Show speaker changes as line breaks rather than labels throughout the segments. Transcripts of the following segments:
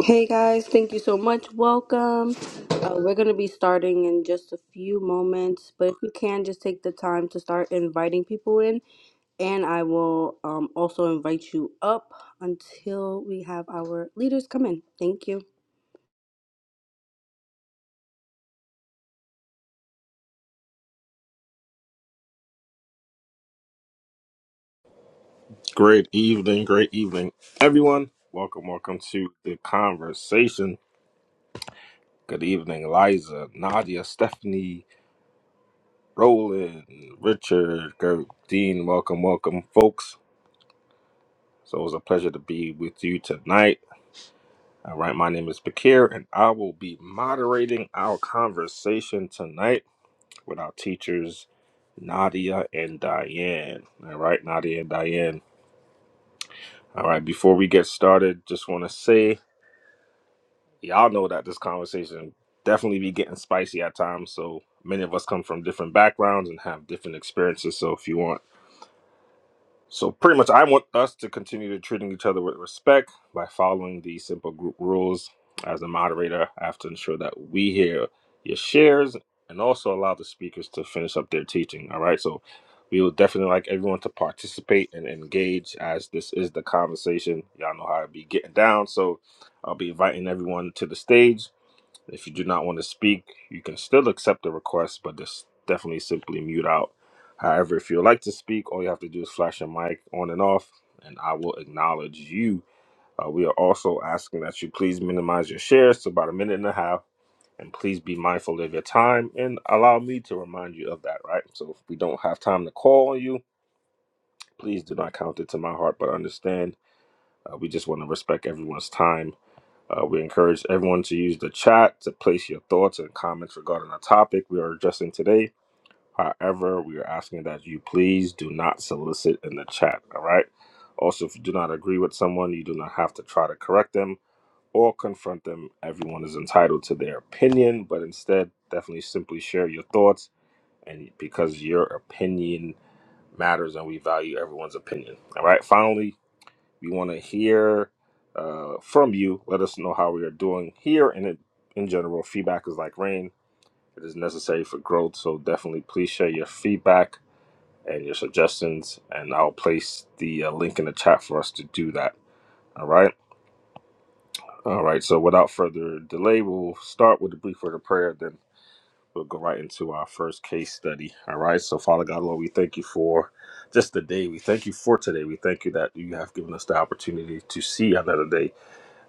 Hey guys, thank you so much. Welcome. Uh, we're going to be starting in just a few moments, but if you can, just take the time to start inviting people in, and I will um, also invite you up until we have our leaders come in. Thank you.
Great evening, great evening, everyone. Welcome, welcome to the conversation. Good evening, Liza, Nadia, Stephanie, Roland, Richard, Gert, Dean. Welcome, welcome, folks. So it was a pleasure to be with you tonight. All right, my name is Bakir, and I will be moderating our conversation tonight with our teachers, Nadia and Diane. All right, Nadia and Diane. All right, before we get started, just want to say y'all know that this conversation definitely be getting spicy at times. So many of us come from different backgrounds and have different experiences. So if you want, so pretty much, I want us to continue to treating each other with respect by following these simple group rules. As a moderator, I have to ensure that we hear your shares and also allow the speakers to finish up their teaching. All right, so. We would definitely like everyone to participate and engage as this is the conversation. Y'all know how I be getting down. So I'll be inviting everyone to the stage if you do not want to speak, you can still accept the request, but just definitely simply mute out. However, if you'd like to speak, all you have to do is flash your mic on and off, and I will acknowledge you. Uh, we are also asking that you please minimize your shares to about a minute and a half, and please be mindful of your time and allow me to remind you of that, right? So if we don't have time to call on you, please do not count it to my heart, but understand uh, we just want to respect everyone's time uh, we encourage everyone to use the chat to place your thoughts and comments regarding the topic we are addressing today. However, we are asking that you please do not solicit in the chat, all right? Also, if you do not agree with someone, you do not have to try to correct them or confront them. Everyone is entitled to their opinion, but instead, definitely simply share your thoughts and because your opinion matters and we value everyone's opinion, all right? Finally, we want to hear uh, from you. Let us know how we are doing here. And it, in general, feedback is like rain, it is necessary for growth. So definitely please share your feedback and your suggestions. And I'll place the uh, link in the chat for us to do that. All right. All right. So without further delay, we'll start with a brief word of prayer. Then we'll go right into our first case study. All right. So, Father God, Lord, we thank you for just the day. We thank you for today. We thank you that you have given us the opportunity to see another day.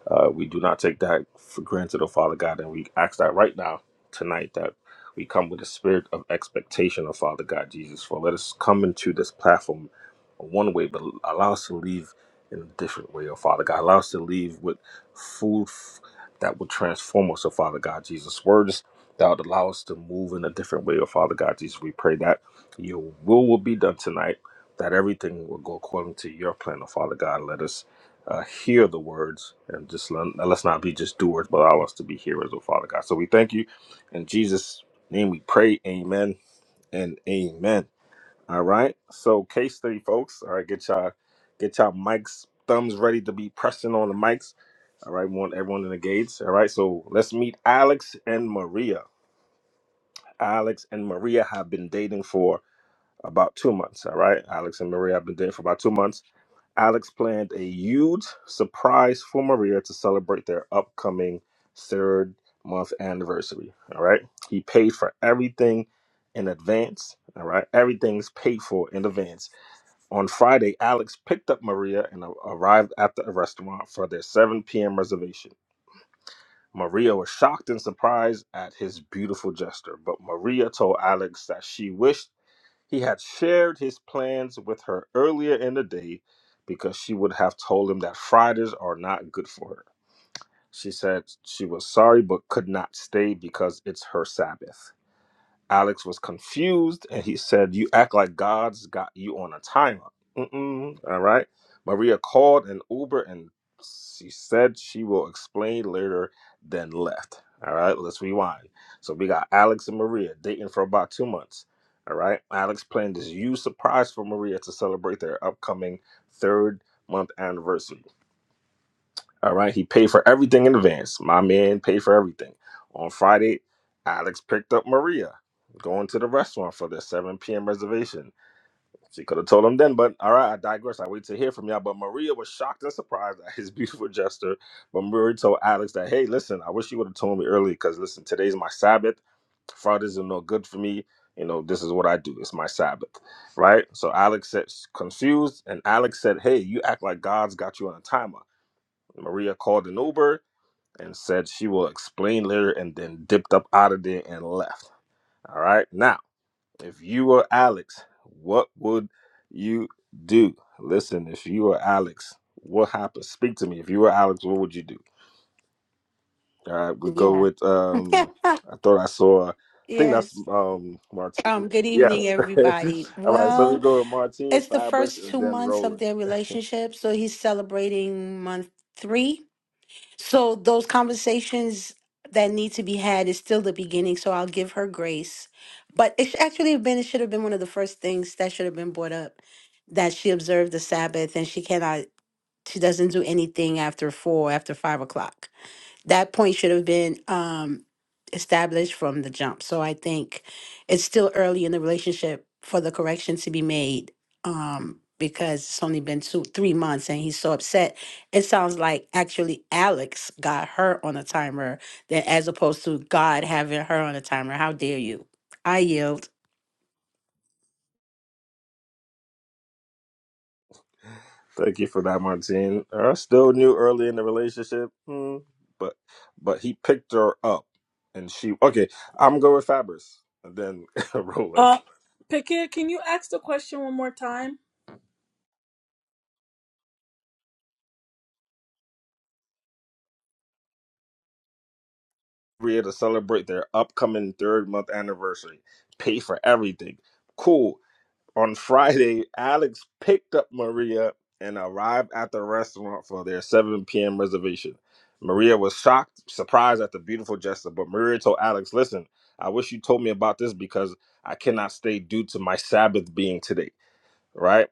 Uh, we do not take that for granted, oh Father God, and we ask that right now, tonight, that we come with a spirit of expectation, oh Father God, Jesus. For let us come into this platform one way, but allow us to leave in a different way, oh Father God. Allow us to leave with food f- that will transform us, oh Father God, Jesus. Words that would allow us to move in a different way, oh Father God, Jesus. We pray that your will will be done tonight, that everything will go according to your plan, oh Father God. Let us uh, hear the words and just let, let's not be just doers, but allow us to be hearers, oh Father God. So we thank you. In Jesus' name we pray. Amen and amen. All right. So case study, folks. All right, get y'all get y'all mics, thumbs ready to be pressing on the mics. All right, we want everyone engaged. All right, so let's meet Alex and Maria. Alex and Maria have been dating for about two months. All right, Alex and Maria have been dating for about two months. Alex planned a huge surprise for Maria to celebrate their upcoming third month anniversary. All right, he paid for everything in advance. All right, everything's paid for in advance. On Friday, Alex picked up Maria and a- arrived at the restaurant for their 7 p.m. reservation. Maria was shocked and surprised at his beautiful gesture, but Maria told Alex that she wished he had shared his plans with her earlier in the day because she would have told him that Fridays are not good for her. She said she was sorry but could not stay because it's her Sabbath. Alex was confused and he said, You act like God's got you on a timer. Mm-mm. All right. Maria called an Uber and she said she will explain later, then left. All right. Let's rewind. So we got Alex and Maria dating for about two months. All right. Alex planned this huge surprise for Maria to celebrate their upcoming third month anniversary. All right. He paid for everything in advance. My man paid for everything. On Friday, Alex picked up Maria going to the restaurant for the 7 p.m. reservation. She could have told him then, but all right, I digress. I wait to hear from y'all. But Maria was shocked and surprised at his beautiful gesture. But Maria told Alex that, hey, listen, I wish you would have told me earlier because, listen, today's my Sabbath. Fridays are no good for me. You know, this is what I do. It's my Sabbath, right? So Alex said, confused, and Alex said, hey, you act like God's got you on a timer. Maria called an Uber and said she will explain later and then dipped up out of there and left. All right. Now, if you were Alex, what would you do? Listen, if you were Alex, what happened? Speak to me. If you were Alex, what would you do? All right. We go
Yeah.
with, um, I thought I saw, I think that's
yes.
um, Martine.
Um, good evening,
Yes.
everybody.
All right. So we
Well,
go with Martine,
it's the
Fabris,
first
and
two
then
months of
Roland.
their relationship, so he's celebrating month three. So those conversations that need to be had is still the beginning, so I'll give her grace. But it should actually have been it should have been one of the first things that should have been brought up that she observed the Sabbath and she cannot she doesn't do anything after four, after five o'clock. that point should have been um, established from the jump. So I think it's still early in the relationship for the correction to be made um, because it's only been two, three months and he's so upset. It sounds like actually Alex got her on a timer than as opposed to God having her on a timer. How dare you? I yield.
Thank you for that, Martine. I still knew early in the relationship, hmm, but but he picked her up, and she okay. I'm going with Fabris, and then Roland.
Uh, Pickett, can you ask the question one more time?
We're here to celebrate their upcoming third month anniversary. Pay for everything. Cool. on Friday, Alex picked up Maria and arrived at the restaurant for their 7 p.m. reservation. Maria was shocked, surprised at the beautiful gesture, but Maria told Alex, Listen, I wish you told me about this because I cannot stay due to my Sabbath being today, right?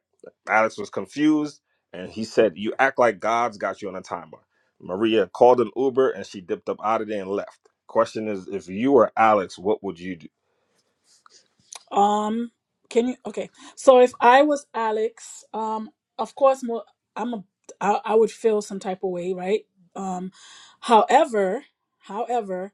Alex was confused and he said, You act like God's got you on a timer. Maria called an Uber and she dipped up out of there and left. Question is, if you were Alex, what would you do?
Um, can you? Okay. So if I was Alex, um, of course, mo- I'm a, I, I would feel some type of way, right? Um, however, however,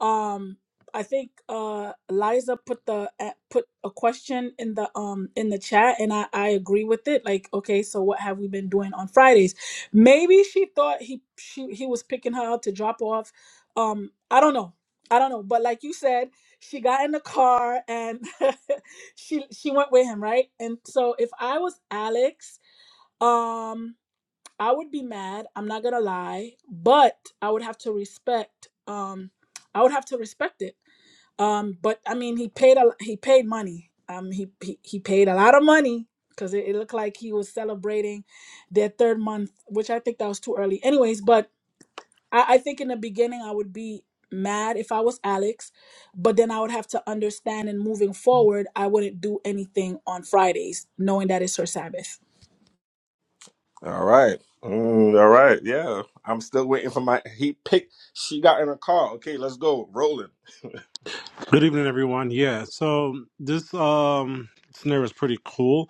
um, I think uh Liza put the uh, put a question in the um in the chat, and I I agree with it. Like, okay, so what have we been doing on Fridays? Maybe she thought he she he was picking her up to drop off. Um, I don't know. I don't know, but like you said she got in the car and she she went with him right and so if i was alex um i would be mad i'm not gonna lie but i would have to respect um i would have to respect it um but i mean he paid a he paid money um he he, he paid a lot of money because it, it looked like he was celebrating their third month which i think that was too early anyways but I, I think in the beginning I would be mad if I was Alex, but then I would have to understand and moving forward, I wouldn't do anything on Fridays, knowing that it's her Sabbath.
All right. Mm, all right. Yeah. I'm still waiting for my. He picked. She got in a car. Okay, let's go. Rolling.
Good evening, everyone. Yeah, so this um scenario is pretty cool.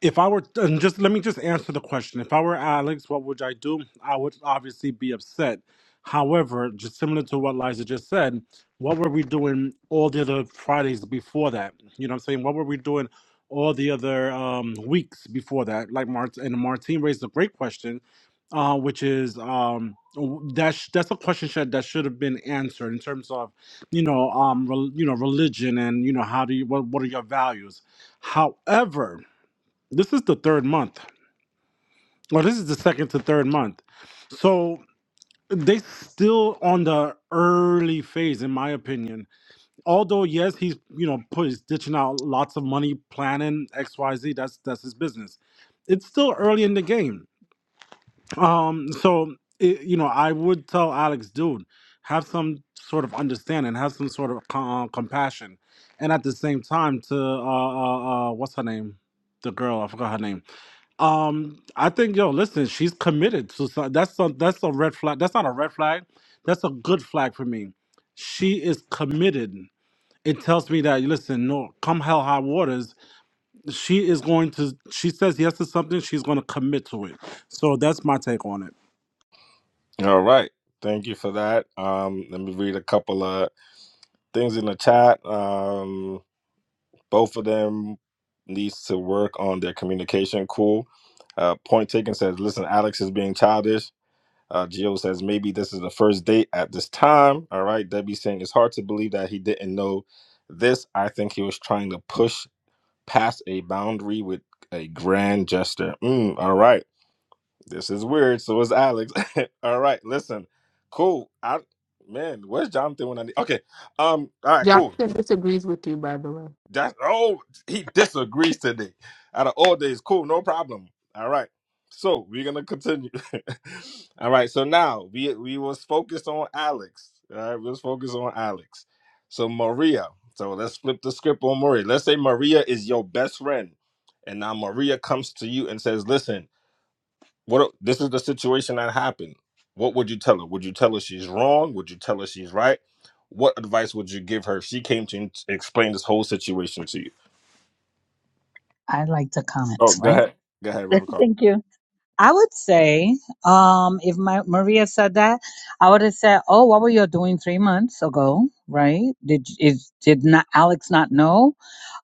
If I were, and just let me just answer the question. If I were Alex, what would I do? I would obviously be upset. However, just similar to what Liza just said, what were we doing all the other Fridays before that? You know what I'm saying? What were we doing all the other um, weeks before that? Like Mart and Martine raised a great question, uh, which is um, that's that's a question should- that should have been answered in terms of, you know, um, rel you know, religion and you know, how do you what what are your values? However. This is the third month. Well, this is the second to third month. So they still on the early phase, in my opinion. Although yes, he's you know put he's ditching out lots of money, planning X Y Z. That's that's his business. It's still early in the game. Um, so it, you know I would tell Alex, dude, have some sort of understanding, have some sort of com- uh, compassion, and at the same time to uh, uh, uh what's her name, the girl I forgot her name Um, I think yo, listen, she's committed to some, that's some, that's a red flag. That's not a red flag. That's a good flag for me. She is committed. It tells me that listen, no, come hell high waters, she is going to. She says yes to something. She's going to commit to it. So that's my take on it.
All right. Thank you for that. Um, let me read a couple of things in the chat. Um, both of them needs to work on their communication. Cool. Uh, point taken says, listen, Alex is being childish. Uh, Gio says, maybe this is the first date at this time. All right. Debbie saying, it's hard to believe that he didn't know this. I think he was trying to push pass a boundary with a grand gesture. Mm, all right. This is weird. So is Alex. all right. Listen. Cool. I man, where's Jonathan when I need okay. Um, all right, cool.
Jonathan disagrees with you, by the way.
That's oh, he disagrees today. Out of all days, cool, no problem. All right. So we're gonna continue. all right. So now we we was focused on Alex. All right, we was focused on Alex. So Maria. So let's flip the script on Maria. Let's say Maria is your best friend, and now Maria comes to you and says, "Listen, what this is the situation that happened. What would you tell her? Would you tell her she's wrong? Would you tell her she's right? What advice would you give her if she came to explain this whole situation to you?"
I like to comment,
Oh, go
right?
ahead. Go ahead, Reverend Carl.
Thank you. I would say, um, if my Maria said that, I would have said, "Oh, what were you doing three months ago? Right? Did is did not Alex not know?"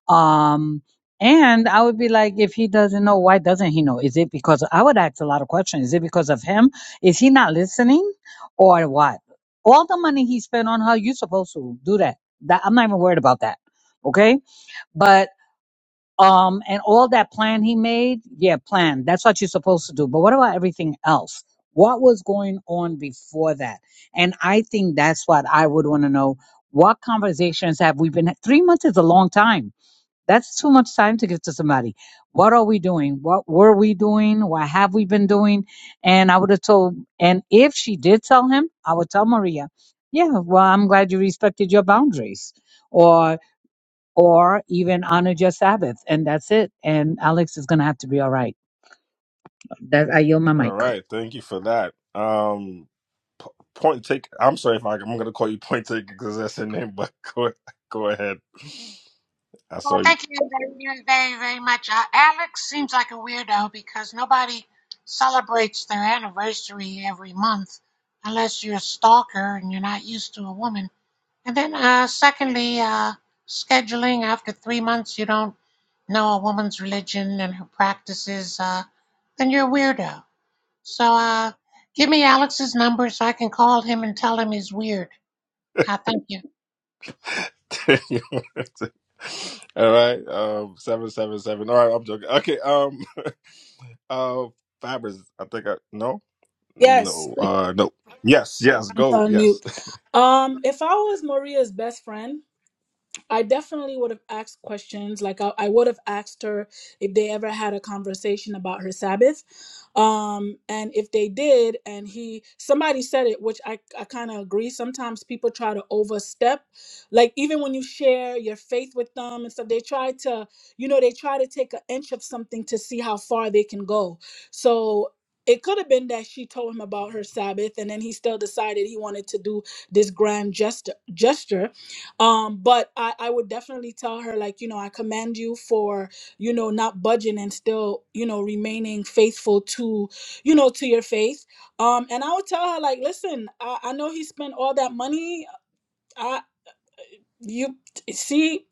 Um, and I would be like, "If he doesn't know, why doesn't he know? Is it because I would ask a lot of questions? Is it because of him? Is he not listening, or what? All the money he spent on her, you supposed to do that. That I'm not even worried about that. Okay, but um, and all that plan he made, yeah, plan. That's what you're supposed to do. But what about everything else? What was going on before that? And I think that's what I would want to know. What conversations have we been? Three months is a long time. That's too much time to give to somebody. What are we doing? What were we doing? What have we been doing? And I would have told, and if she did tell him, I would tell Maria, yeah, well, I'm glad you respected your boundaries Or or even honor just Sabbath, and that's it. And Alex is gonna have to be all right. That I yield my
All
mic.
right. Thank you for that. Um, p- point take. I'm sorry if I, I'm going to call you point take because that's your name, but go, go ahead. I
Well,
saw you.
thank you very, very, very much. Uh, Alex seems like a weirdo because nobody celebrates their anniversary every month unless you're a stalker and you're not used to a woman. And then, uh, secondly, uh, scheduling after three months, you don't know a woman's religion and her practices, uh, then you're a weirdo. So, uh, give me Alex's number so I can call him and tell him he's weird. Uh, thank you.
All right. Um, seven, seven, seven. All right. I'm joking. Okay. Um, uh, Fabers. I think I, no,
Yes,
no, uh, no. Yes. Yes.
I'm
Go.
on
Yes.
mute. Um, if I was Maria's best friend, I definitely would have asked questions. Like I, I would have asked her if they ever had a conversation about her Sabbath, um, and if they did, and he somebody said it, which I I kind of agree. Sometimes people try to overstep, like even when you share your faith with them and stuff, they try to you know they try to take an inch of something to see how far they can go. So. It could have been that she told him about her Sabbath, and then he still decided he wanted to do this grand gesture. gesture um but i i would definitely tell her like you know i commend you for you know not budging and still you know remaining faithful to you know to your faith um and i would tell her like listen i, I know he spent all that money i you see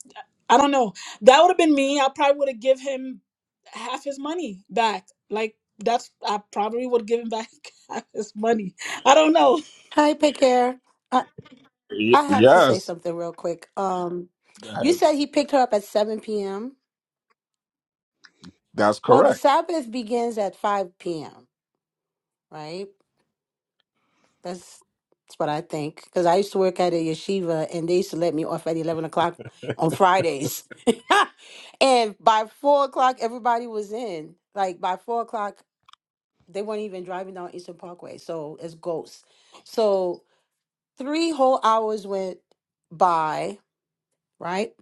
i don't know that would have been me i probably would have give him half his money back like that's i probably would give him back half his money i don't know
Hi, Picare. I,
Y-
I have to say
yes.
something real quick. Um,
Go
you
ahead.
said he picked her up at 7 p.m.
That's
Well, the
correct.
Sabbath begins at 5 p.m. right? That's that's what I think. Because I used to work at a yeshiva, and they used to let me off at eleven o'clock on Fridays, and by four o'clock, everybody was in. Like by four o'clock, they weren't even driving down Eastern Parkway, so it's ghosts. So three whole hours went by, right?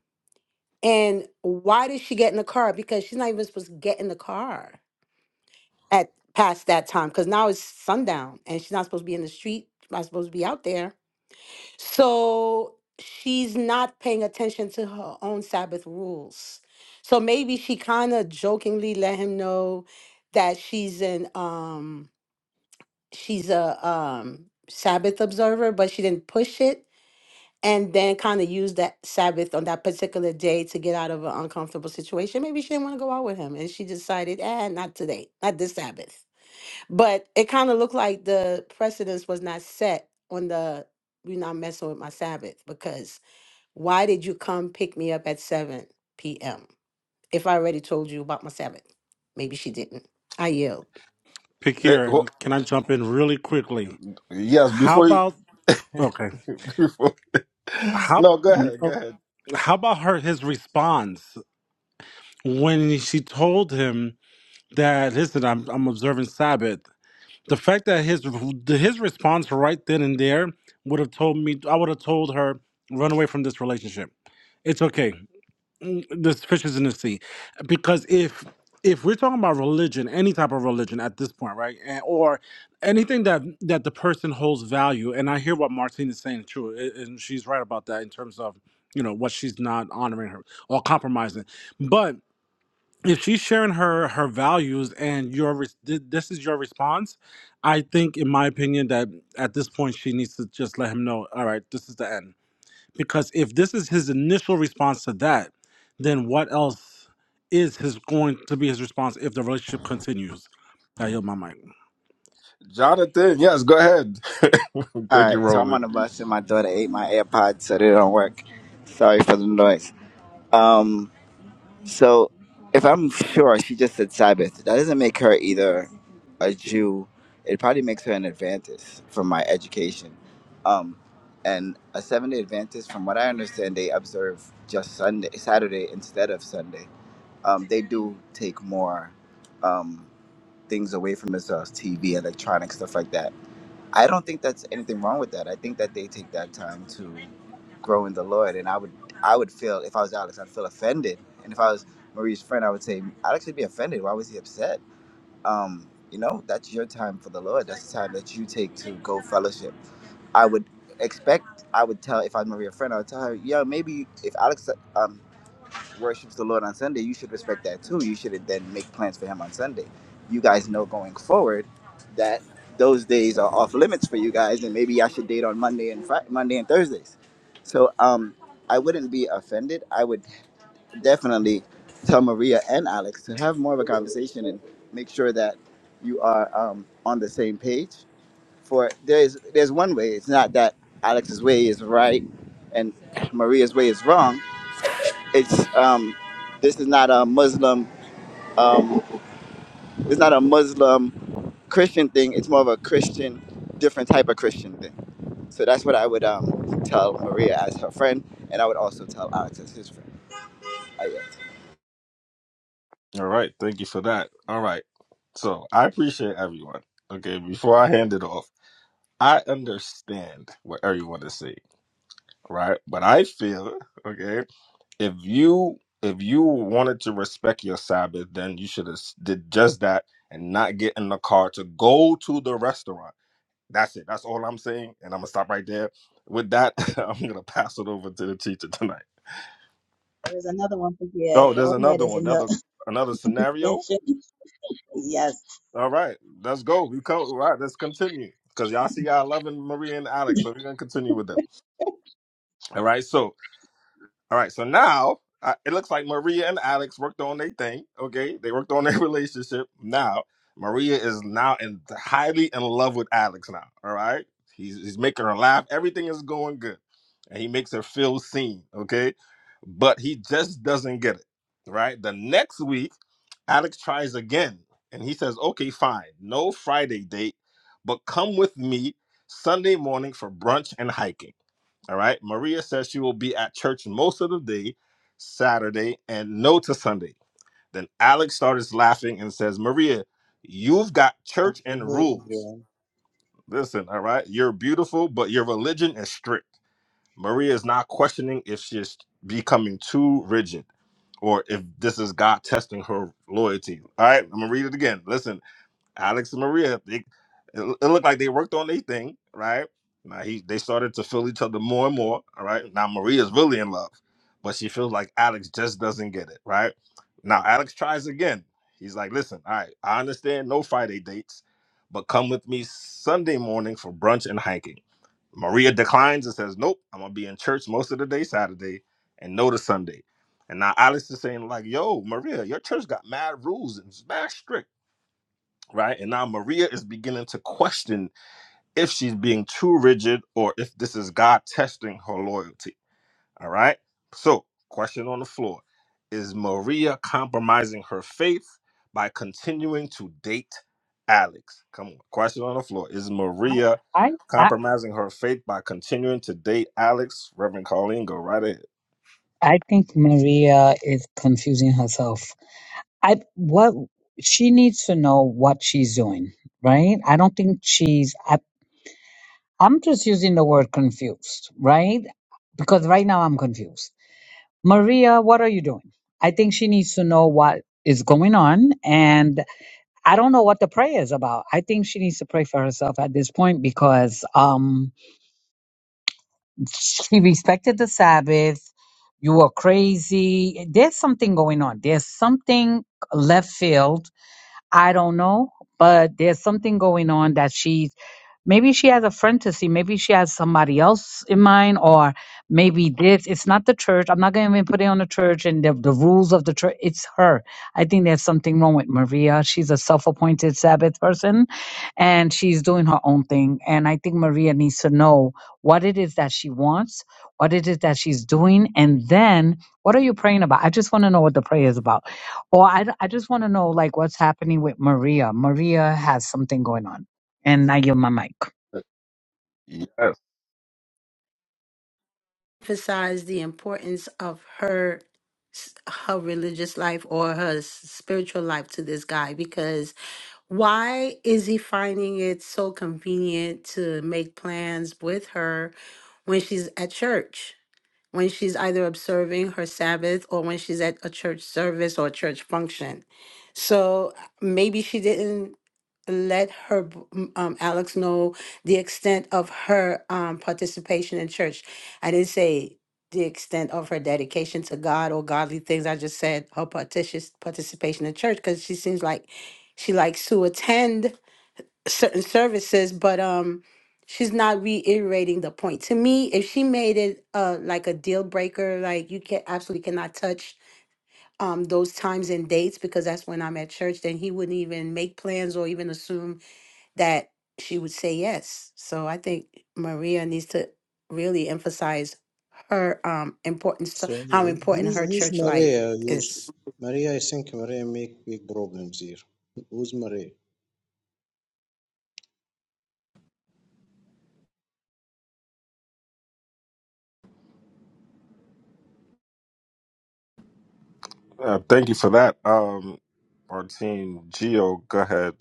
And why did she get in the car? Because she's not even supposed to get in the car at past that time. Because now it's sundown, and she's not supposed to be in the street. Not supposed to be out there So she's not paying attention to her own Sabbath rules. So maybe she kind of jokingly let him know that she's an um she's a um Sabbath observer, but she didn't push it and then kind of used that Sabbath on that particular day to get out of an uncomfortable situation. Maybe she didn't want to go out with him and she decided, eh, not today, not this Sabbath. But it kind of looked like the precedence was not set on the you're not messing with my Sabbath because why did you come pick me up at 7 p.m. if I already told you about my Sabbath? Maybe she didn't. I yelled.
Pick
Th-
here.
wh-
Can I jump in really quickly?
yes.
How
Before you,
about okay?
Before.
How
No, go ahead. Go ahead.
how about her his response when she told him that listen, I'm I'm observing Sabbath. the fact that his his response right then and there would have told me I would have told her run away from this relationship. It's okay. Mm, There's fishes in the sea, because if if we're talking about religion, any type of religion at this point, right, and, or anything that that the person holds value, and I hear what Martine is saying, true, a- and she's right about that in terms of you know what she's not honoring her or compromising, but if she's sharing her her values and your res- th- this is your response i think in my opinion that at this point she needs to just let him know all right this is the end because if this is his initial response to that then what else is his going to be his response if the relationship continues i yield my mic
Jonathan, yes, go ahead.
All
thank you,
right, so I'm on
Roland.
the bus and my daughter ate my AirPods, so they don't work. Sorry for the noise. Um, so if I'm sure she just said Sabbath, that doesn't make her either a Jew. It probably makes her an Adventist from my education. Um, and a seven day Adventist, from what I understand, they observe just Sunday, Saturday instead of Sunday. Um, they do take more um, things away from themselves, TV, electronics, stuff like that I don't think that's anything wrong with that. I think that they take that time to grow in the Lord, and I would I would feel if I was Alex, I'd feel offended, and if I was Marie's friend, I would say Alex would be offended. Why was he upset? Um, you know, that's your time for the Lord. That's the time that you take to go fellowship. I would expect. I would tell if I'm Maria's friend, I would tell her, yeah, maybe if Alex um worships the Lord on Sunday, you should respect that too. You should then make plans for him on Sunday. You guys know going forward that those days are off limits for you guys, and maybe I should date on Monday and Friday, Monday and Thursdays. So um, I wouldn't be offended. I would definitely tell Maria and Alex to have more of a conversation and make sure that you are um, on the same page. For there's there's one way. It's not that Alex's way is right and Maria's way is wrong it's um, this is not a Muslim. Um, it's not a Muslim Christian thing. It's more of a Christian, different type of Christian thing. So that's what I would um, tell Maria as her friend, and I would also tell Alex as his friend. I guess.
All right. Thank you for that. All right. So I appreciate everyone. Okay. Before I hand it off, I understand what everyone is saying, right? But I feel, okay, if you if you wanted to respect your Sabbath, then you should have s- did just that and not get in the car to go to the restaurant. That's it. That's all I'm saying. And I'm gonna stop right there. With that, I'm gonna pass it over to the teacher tonight.
There is another one for here.
Oh, there's
Go ahead
another
as
one,
another
another another scenario.
mention. Yes.
All right, let's go. We come. All right, let's continue because y'all see y'all loving Maria and Alex, so we're gonna continue with them. All right, so all right, so now uh, it looks like Maria and Alex worked on their thing. Okay, they worked on their relationship. Now Maria is now in highly in love with Alex. Now, all right, he's he's making her laugh. Everything is going good, and he makes her feel seen. Okay, but he just doesn't get it. Right, the next week. Alex tries again and he says, okay, fine, no Friday date, but come with me Sunday morning for brunch and hiking. All right. Maria says she will be at church most of the day, Saturday, and no to Sunday. Then Alex starts laughing and says, Maria, you've got church and
Hello,
rules.
everyone.
Listen, all right, you're beautiful, but your religion is strict. Maria is not questioning if she's becoming too rigid or if this is God testing her loyalty. All right, I'm gonna read it again. Listen, Alex and Maria, they, it, it looked like they worked on their thing, right? Now he, they started to feel each other more and more. All right, now Maria's really in love, but she feels like Alex just doesn't get it, right? Now Alex tries again. He's like, "Listen, all right, I understand no Friday dates, but come with me Sunday morning for brunch and hiking." Maria declines and says, Nope, I'm gonna be in church most of the day Saturday and no to Sunday. And now Alex is saying, like, yo, Maria, your church got mad rules and it's mad strict, right? And now Maria is beginning to question if she's being too rigid or if this is God testing her loyalty all right. So, question on the floor Is Maria compromising her faith by continuing to date Alex? Come on. Question on the floor Is
I
Maria
I I,
compromising her faith by continuing to date Alex? Reverend Colleen, go right ahead.
I think Maria is confusing herself. I what she needs to know what she's doing, right? I don't think she's. I, I'm just using the word confused, right? Because right now I'm confused. Maria, what are you doing? I think she needs to know what is going on and I don't know what the prayer is about. I think she needs to pray for herself at this point because um she respected the Sabbath. You are crazy. There's something going on. There's something left field. I don't know, but there's something going on that she Maybe she has a friend to see. Maybe she has somebody else in mind, or maybe this. It's not the church. I'm not going to even put it on the church and the, the rules of the church. It's her. I think there's something wrong with Maria. She's a self appointed Sabbath person and she's doing her own thing. And I think Maria needs to know what it is that she wants, what it is that she's doing, and then what are you praying about? I just want to know what the prayer is about. Or I, I just want to know, like, what's happening with Maria. Maria has something going on. And I give my mic.
Uh, Yes.
emphasized the importance of her s- her religious life or her s- spiritual life to this guy because why is he finding it so convenient to make plans with her when she's at church? when she's either observing her Sabbath or when she's at a church service or a church function. So maybe she didn't let her b- m- um, Alex know the extent of her um, participation in church. I didn't say the extent of her dedication to God or godly things. I just said her partici- participation in church because she seems like she likes to attend certain services, but um, she's not reiterating the point. To me, if she made it uh like a deal breaker, like you can absolutely cannot touch um those times and dates because that's when I'm at church, then he wouldn't even make plans or even assume that she would say yes. So I think Maria needs to really emphasize her um importance
So,
how important
who's
her
who's
church life
Maria? Who's
is.
Maria? I think Maria make big problems here. Who's Maria?
Uh, thank you for that. Um, Martine Geo, go ahead.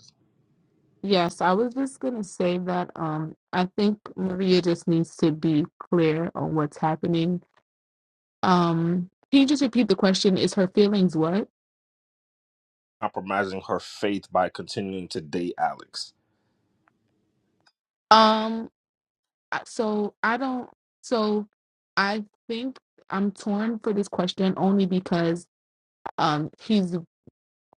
Yes, I was just gonna say that um I think Maria just needs to be clear on what's happening. Um, can you just repeat the question? Is her feelings what?
Compromising her faith by continuing to date Alex.
Um, I- so I don't. So I think I'm torn for this question only because um he's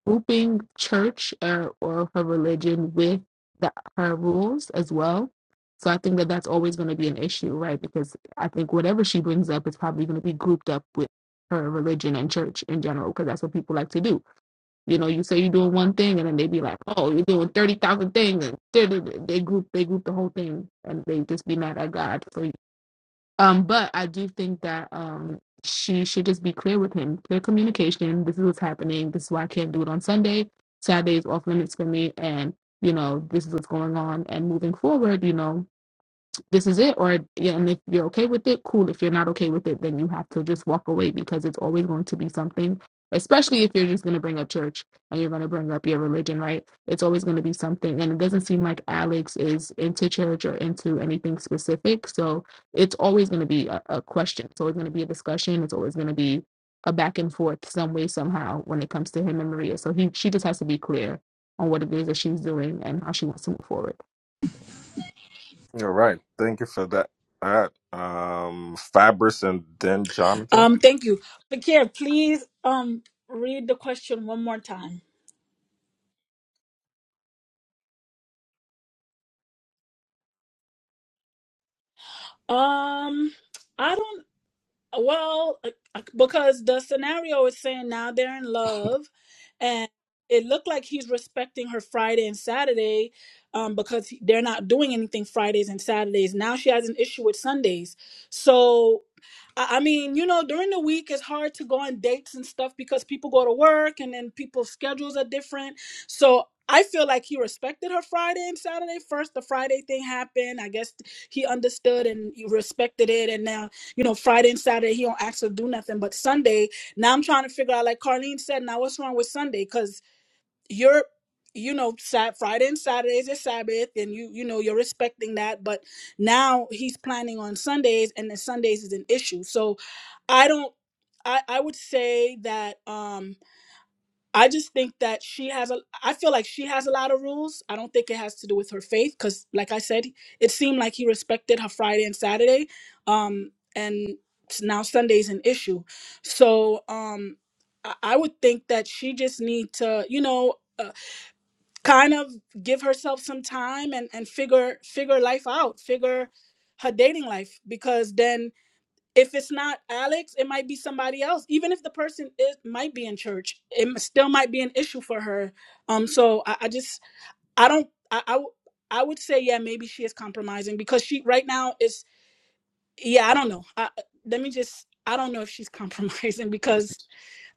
grouping church uh, or her religion with the, her rules as well. So I think that that's always going to be an issue, right? Because I think whatever she brings up is probably going to be grouped up with her religion and church in general, because that's what people like to do. You know, you say you're doing one thing, and then they be like, "Oh, you're doing thirty thousand things," and they they- group they group the whole thing, and they just be mad at God for um, but I do think that um, she should just be clear with him, clear communication. This is what's happening. This is why I can't do it on Sunday. Saturday is off limits for me, and you know this is what's going on. And moving forward, you know this is it or yeah and if you're okay with it cool if you're not okay with it then you have to just walk away because it's always going to be something especially if you're just going to bring up church and you're going to bring up your religion right it's always going to be something and it doesn't seem like alex is into church or into anything specific so it's always going to be a, a question it's always going to be a discussion it's always going to be a back and forth some way somehow when it comes to him and maria so he she just has to be clear on what it is that she's doing and how she wants to move forward
All right. Thank you for that. All right. Um, Fabris and then Jonathan.
um thank you but please um read the question one more time Um, I don't. Well, uh, uh, because the scenario is saying now they're in love, and it looked like he's respecting her Friday and Saturday, um, because he- they're not doing anything Fridays and Saturdays. Now she has an issue with Sundays. So, I, I mean, you know, during the week it's hard to go on dates and stuff because people go to work and then people's schedules are different. So. I feel like he respected her Friday and Saturday. First, the Friday thing happened. I guess he understood and he respected it. And now you know, Friday and Saturday he don't actually do nothing. But Sunday, now I'm trying to figure out, like Carlene said, now what's wrong with Sunday? Because you're, you know, Sat Friday and Saturday is your Sabbath, and you, you know, you're respecting that. But now he's planning on Sundays, and then Sundays is an issue. So I don't. I I would say that. um I just think that she has a. I feel like she has a lot of rules. I don't think it has to do with her faith, because, like I said, it seemed like he respected her Friday and Saturday, um, and s- now Sunday's an issue. So um, I, I would think that she just need to, you know, uh, kind of give herself some time and and figure figure life out, figure her dating life, because then if it's not Alex, it might be somebody else. Even if the person is might be in church, it m- still might be an issue for her. Um, so I, I just I don't I, I w- I would say yeah maybe she is compromising because she right now is yeah I don't know. I, let me just I don't know if she's compromising because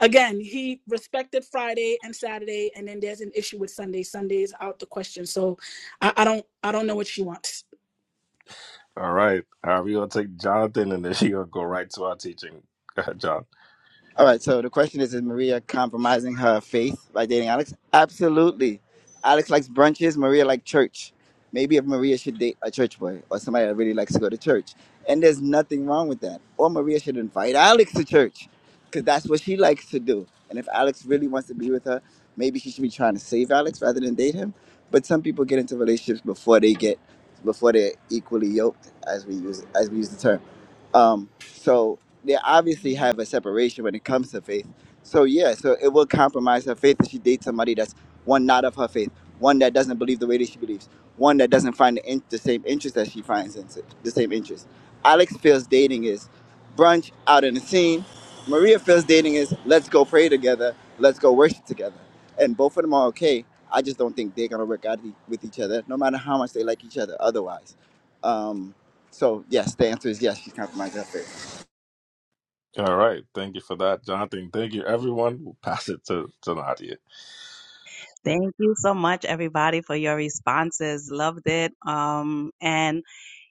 again he respected Friday and Saturday and then there's an issue with Sunday. Sunday is out the question. So I, I don't I don't know what she wants.
All right. Uh, we're going to take Jonathan and then she going to go right to our teaching. Go ahead, John.
All right. So the question is: Is Maria compromising her faith by dating Alex? Absolutely. Alex likes brunches. Maria likes church. Maybe if Maria should date a church boy or somebody that really likes to go to church, and there's nothing wrong with that. Or Maria should invite Alex to church, because that's what she likes to do. And if Alex really wants to be with her, maybe she should be trying to save Alex rather than date him. But some people get into relationships before they get, before they're equally yoked, as we use as we use the term. Um, so they obviously have a separation when it comes to faith. So yeah, so it will compromise her faith if she dates somebody that's one not of her faith, one that doesn't believe the way that she believes, one that doesn't find the, in- the same interest that she finds in the same interest. Alex feels dating is brunch out in the scene. Maria feels dating is let's go pray together, let's go worship together, and both of them are okay. I just don't think they're gonna work out e- with each other, no matter how much they like each other. Otherwise, um, so yes, the answer is yes. She's compromised her faith.
All right. Thank you for that, Jonathan. Thank you, everyone. We'll pass it to, to Nadia.
Thank you so much, everybody, for your responses. Loved it. Um, and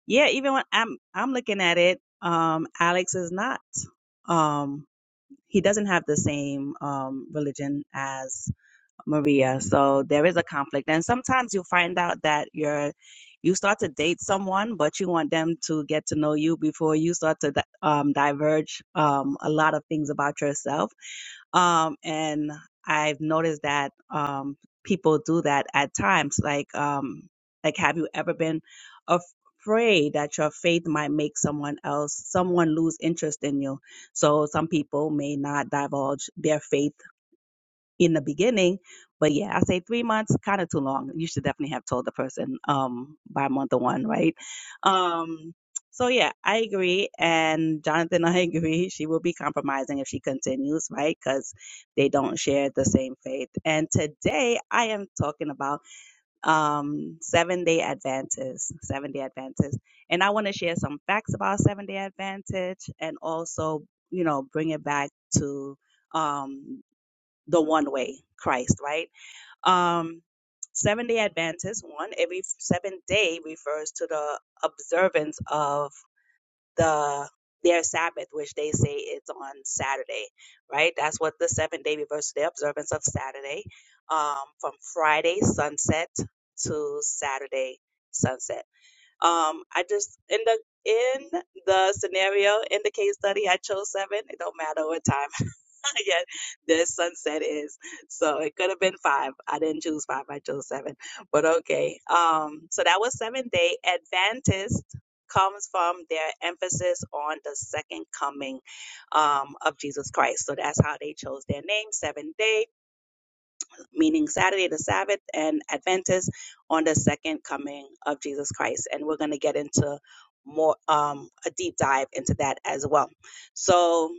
yeah, even when I'm I'm looking at it, um, Alex is not. Um, he doesn't have the same um, religion as Maria, so there is a conflict. And sometimes you find out that you're you start to date someone, but you want them to get to know you before you start to di- um, diverge um, a lot of things about yourself Um, and I've noticed that um, people do that at times. Like, um, like, have you ever been af- afraid that your faith might make someone else, someone lose interest in you? So some people may not divulge their faith in the beginning. But yeah, I say three months, kind of too long. You should definitely have told the person um, by month one, right? Um, so yeah, I agree. And Jonathan, I agree. She will be compromising if she continues, right? Because they don't share the same faith. And today I am talking about um, seven day advances, seven day advances. And I want to share some facts about seven day advantage and also, you know, bring it back to, um, the one way, Christ, right? Um, seven day Adventist, one, every seventh day refers to the observance of the their Sabbath, which they say it's on Saturday, right? That's what the seventh day refers to the observance of Saturday, um, from Friday sunset to Saturday sunset. Um, I just in the in the scenario in the case study, I chose seven. It don't matter what time yeah, the sunset is. So it could have been five. I didn't choose five, I chose seven. But okay. Um, so that was seventh day. Adventist comes from their emphasis on the second coming um, of Jesus Christ. So that's how they chose their name, seventh day, meaning Saturday, the Sabbath, and Adventist on the second coming of Jesus Christ. And we're going to get into more um, a deep dive into that as well. So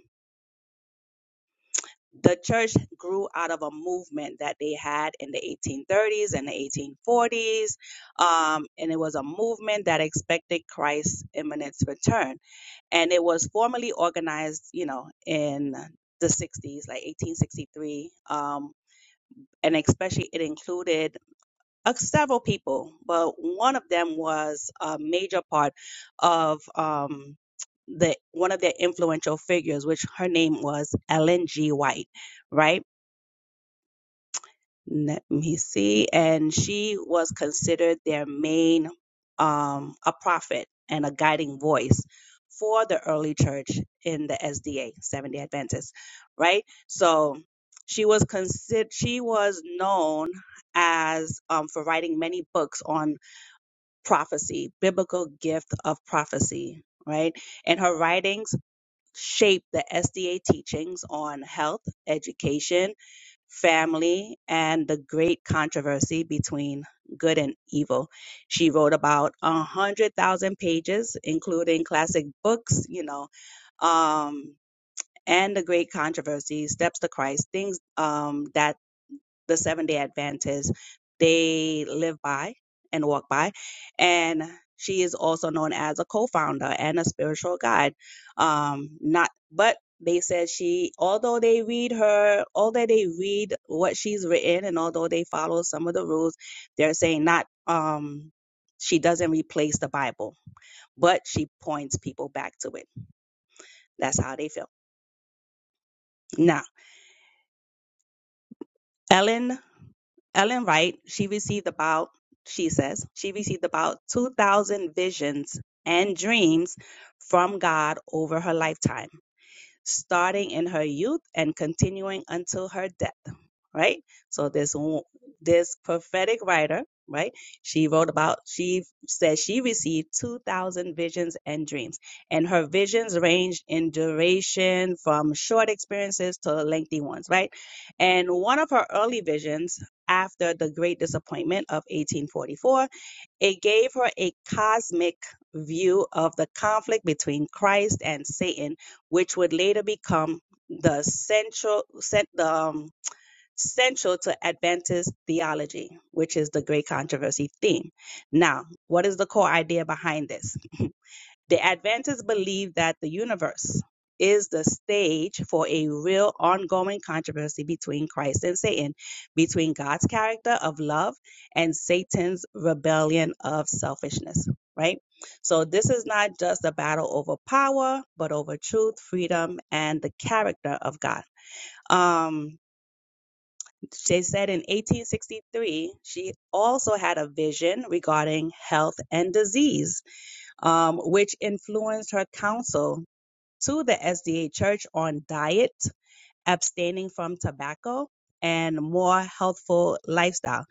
the church grew out of a movement that they had in the 1830s and the 1840s. Um, and it was a movement that expected Christ's imminent return. And it was formally organized, you know, in the 60s, like 1863. Um, and especially it included uh, several people, but one of them was a major part of um, the one of their influential figures, which her name was Ellen G. White, right? let me see and she was considered their main um a prophet and a guiding voice for the early church in the SDA Seventh Day Adventists, right so she was considered she was known as um, for writing many books on prophecy biblical gift of prophecy right and her writings shaped the SDA teachings on health education family and the great controversy between good and evil. She wrote about a hundred thousand pages, including classic books, you know, um, and the great controversy, Steps to Christ, things um, that the seven day Adventists, they live by and walk by. And she is also known as a co-founder and a spiritual guide. Um, not, but they said she, although they read her, although they read what she's written and although they follow some of the rules, they're saying not, um, she doesn't replace the Bible, but she points people back to it. That's how they feel. Now, Ellen Ellen Wright, she received about, she says, she received about 2,000 visions and dreams from God over her lifetime starting in her youth and continuing until her death, right? So this this prophetic writer, right? She wrote about she says she received 2000 visions and dreams and her visions ranged in duration from short experiences to lengthy ones, right? And one of her early visions after the great disappointment of 1844 it gave her a cosmic view of the conflict between Christ and Satan, which would later become the central cent- the, um, central to Adventist theology, which is the great controversy theme. Now, what is the core idea behind this? The Adventists believe that the universe is the stage for a real ongoing controversy between Christ and Satan, between God's character of love and Satan's rebellion of selfishness, right? So this is not just a battle over power, but over truth, freedom, and the character of God. Um, she said in 1863, she also had a vision regarding health and disease, um, which influenced her counsel to the SDA Church on diet, abstaining from tobacco, and more healthful lifestyle.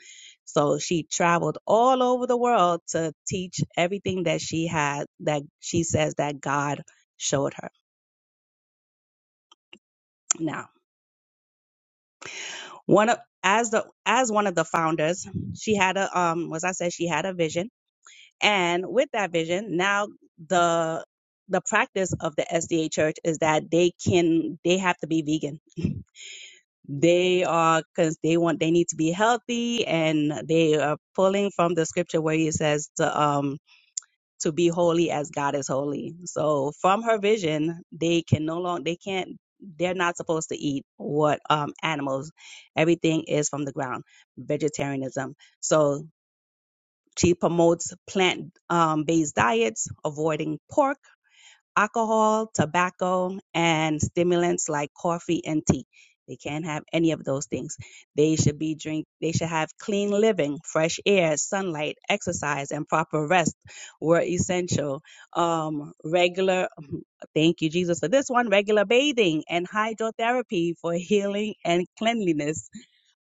So she traveled all over the world to teach everything that she had that she says that God showed her. Now, one of as the as one of the founders, she had a um was I said she had a vision, and with that vision, now the the practice of the SDA church is that they can they have to be vegan. They are because they want they need to be healthy, and they are pulling from the scripture where it says to um to be holy as God is holy. So from her vision, they can no longer they can't they're not supposed to eat what um animals. Everything is from the ground, vegetarianism. So she promotes plant um based diets, avoiding pork alcohol, tobacco, and stimulants like coffee and tea. They can't have any of those things. They should be drink they should have clean living, fresh air, sunlight, exercise, and proper rest were essential. Um regular thank you Jesus for this one, regular bathing and hydrotherapy for healing and cleanliness.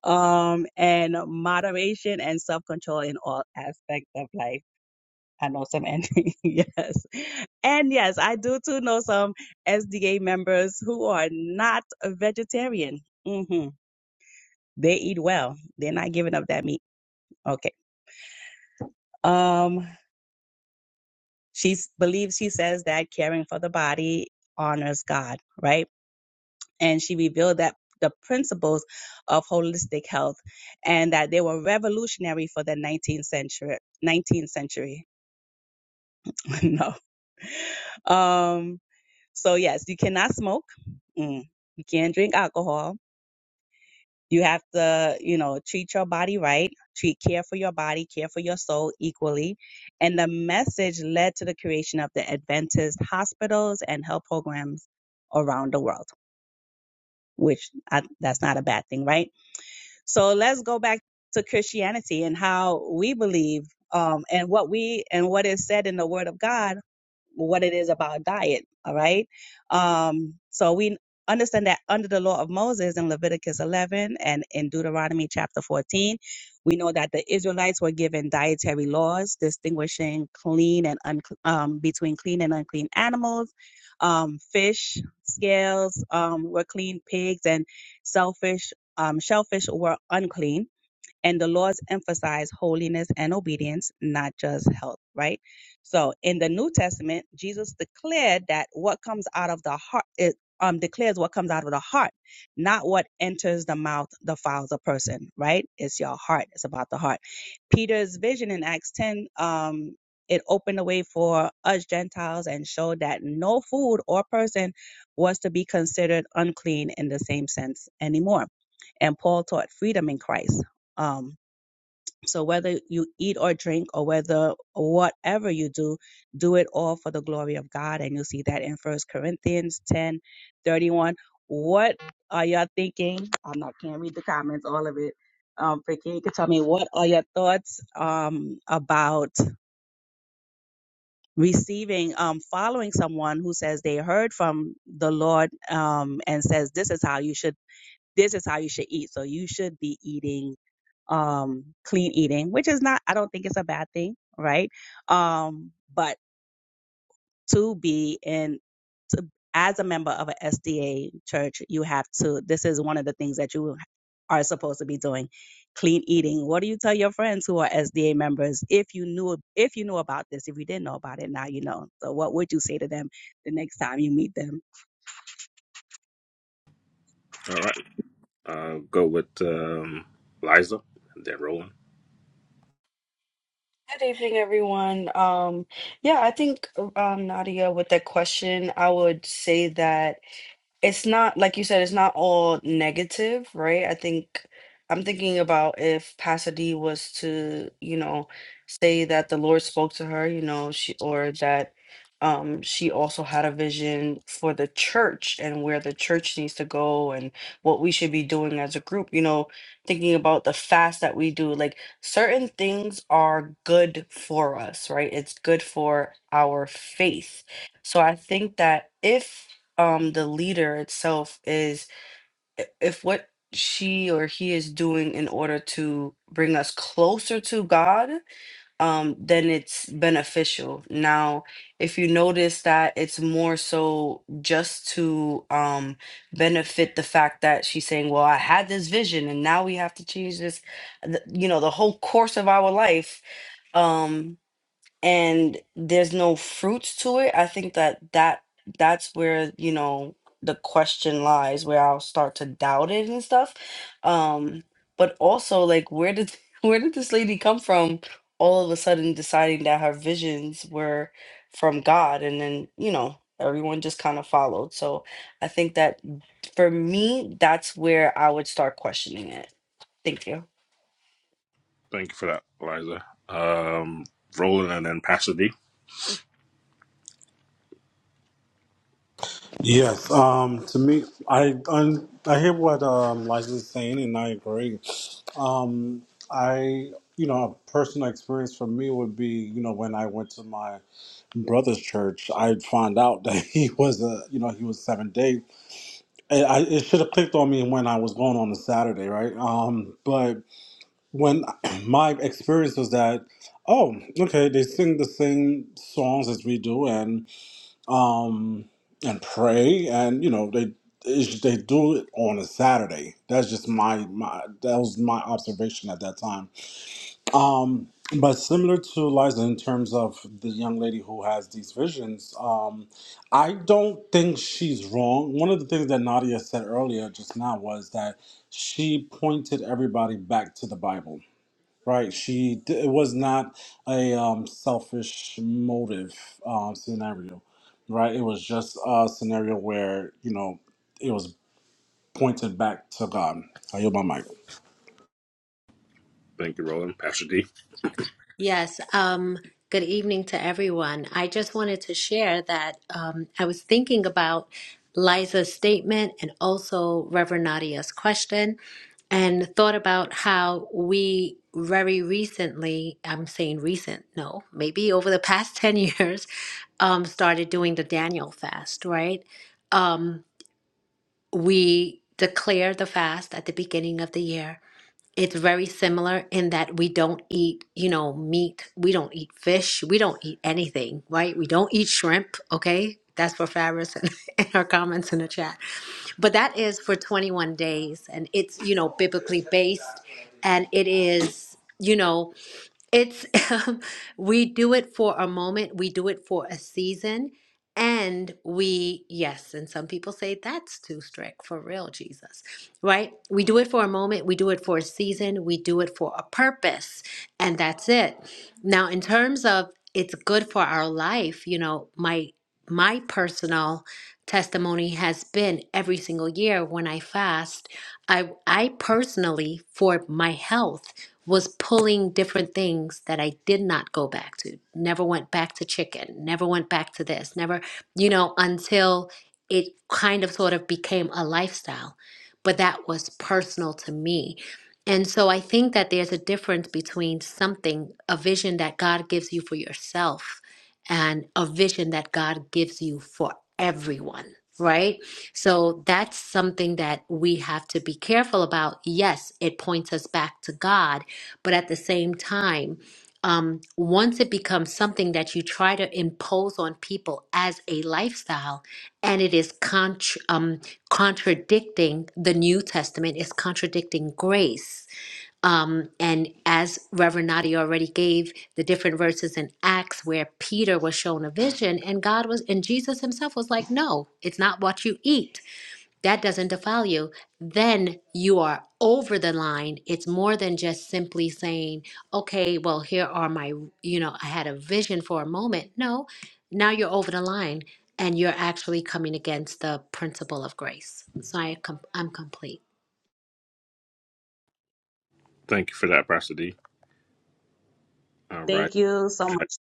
Um and moderation and self-control in all aspects of life. I know some and yes. And yes, I do too know some SDA members who are not a vegetarian. hmm They eat well. They're not giving up that meat. Okay. Um, she s- believes she says that caring for the body honors God, right? And she revealed that the principles of holistic health and that they were revolutionary for the 19th century 19th century no Um. So yes, you cannot smoke. Mm. You can't drink alcohol. You have to, you know, treat your body right, treat care for your body, care for your soul equally. And the message led to the creation of the Adventist hospitals and health programs around the world, which I, that's not a bad thing, right? So let's go back to Christianity and how we believe um, and what we and what is said in the Word of God, what it is about diet. All right. Um, so we understand that under the law of Moses in Leviticus 11 and in Deuteronomy chapter 14, we know that the Israelites were given dietary laws distinguishing clean and un- um, between clean and unclean animals. Um, fish scales um, were clean, pigs and selfish um, shellfish were unclean and the laws emphasize holiness and obedience, not just health, right? So in the New Testament, Jesus declared that what comes out of the heart, it, um, declares what comes out of the heart, not what enters the mouth defiles a person, right? It's your heart. It's about the heart. Peter's vision in Acts 10, um, it opened the way for us Gentiles and showed that no food or person was to be considered unclean in the same sense anymore. And Paul taught freedom in Christ. Um, so whether you eat or drink or whether whatever you do, do it all for the glory of God. And you'll see that in First Corinthians 10, 31. What are y'all thinking? I'm not can't read the comments, all of it. Um, but can you can tell me what are your thoughts um about receiving um following someone who says they heard from the Lord um and says this is how you should this is how you should eat. So you should be eating um, clean eating, which is not, I don't think it's a bad thing, right? Um, but to be in, to, as a member of an SDA church, you have to, this is one of the things that you are supposed to be doing clean eating what do you tell your friends who are sda members if you knew if you knew about this if you didn't know about it now you know so what would you say to them the next time you meet them
All right. Uh, go with um, Liza and then Roland.
Good evening, everyone. Um, yeah, I think um, Nadia, with that question, I would say that. it's not like you said it's not all negative right i think i'm thinking about if pasadena was to you know say that the lord spoke to her you know she or that um she also had a vision for the church and where the church needs to go and what we should be doing as a group you know thinking about the fast that we do like certain things are good for us right it's good for our faith so i think that if um the leader itself is i- if what she or he is doing in order to bring us closer to God, um, then it's beneficial. Now, if you notice that it's more so just to um benefit the fact that she's saying, Well, I had this vision and now we have to change this, th- you know, the whole course of our life. Um, and there's no fruits to it, I think that that that's where, you know, the question lies, where I'll start to doubt it and stuff. Um, but also like where did where did this lady come from all of a sudden deciding that her visions were from God and then, you know, everyone just kind of followed. So I think that for me, that's where I would start questioning it. Thank you.
Thank you for that, Liza. Um, Roland and then Pastor D.
yes um to me i un, i hear what um liza is saying and i agree um i you know a personal experience for me would be you know when i went to my brother's church, I found out that he was a, you know, he was seven day. And I, it should have clicked on me when I was going on the Saturday, right? Um, but when my experience was that, oh, okay, they sing the same songs as we do, and um, and pray, and you know, they it's- they do it on a Saturday. That's just my my that was my observation at that time um, but similar to Liza in terms of the young lady who has these visions, um, I don't think she's wrong. One of the things that Nadia said earlier just now was that she pointed everybody back to the Bible. Right, she d- it was not a um, selfish motive uh, scenario, right? It was just a scenario where you know it was pointed back to God. I yield my mic.
Thank you, Roland. Pastor D.
Yes, um, good evening to everyone. I just wanted to share that um, I was thinking about Liza's statement and also Reverend Nadia's question, and thought about how we very recently, I'm saying recent, no, maybe over the past 10 years, um, started doing the Daniel fast, right? Um, we declare the fast at the beginning of the year it's very similar in that we don't eat, you know, meat. We don't eat fish. We don't eat anything, right? We don't eat shrimp, okay? That's for Fabrice and, and her comments in the chat. But that is for 21 days and it's, you know, biblically based and it is, you know, it's we do it for a moment, we do it for a season, and we, yes, and some people say that's too strict for real, Jesus, right? We do it for a moment, we do it for a season, we do it for a purpose, and that's it. Now, in terms of it's good for our life, you know, my my personal testimony has been every single year when I fast, I I personally for my health was pulling different things that I did not go back to. Never went back to chicken, never went back to this, never, you know, until it kind of sort of became a lifestyle. But that was personal to me. And so I think that there's a difference between something, a vision that God gives you for yourself, and a vision that God gives you for everyone, right? So that's something that we have to be careful about. Yes, it points us back to God but at the same time, um, once it becomes something that you try to impose on people as a lifestyle, and it is contr um, contradicting the New Testament, it's contradicting grace. Um, and as Reverend Nadi already gave the different verses in Acts where Peter was shown a vision, and God was, and Jesus himself was like, No, it's not what you eat that doesn't defile you, then you are over the line. It's more than just simply saying, okay, well, here are my, you know, I had a vision for a moment. No, now you're over the line and you're actually coming against the principle of grace. So I com- I'm complete.
Thank you for that, Pastor D. All right.
Thank you so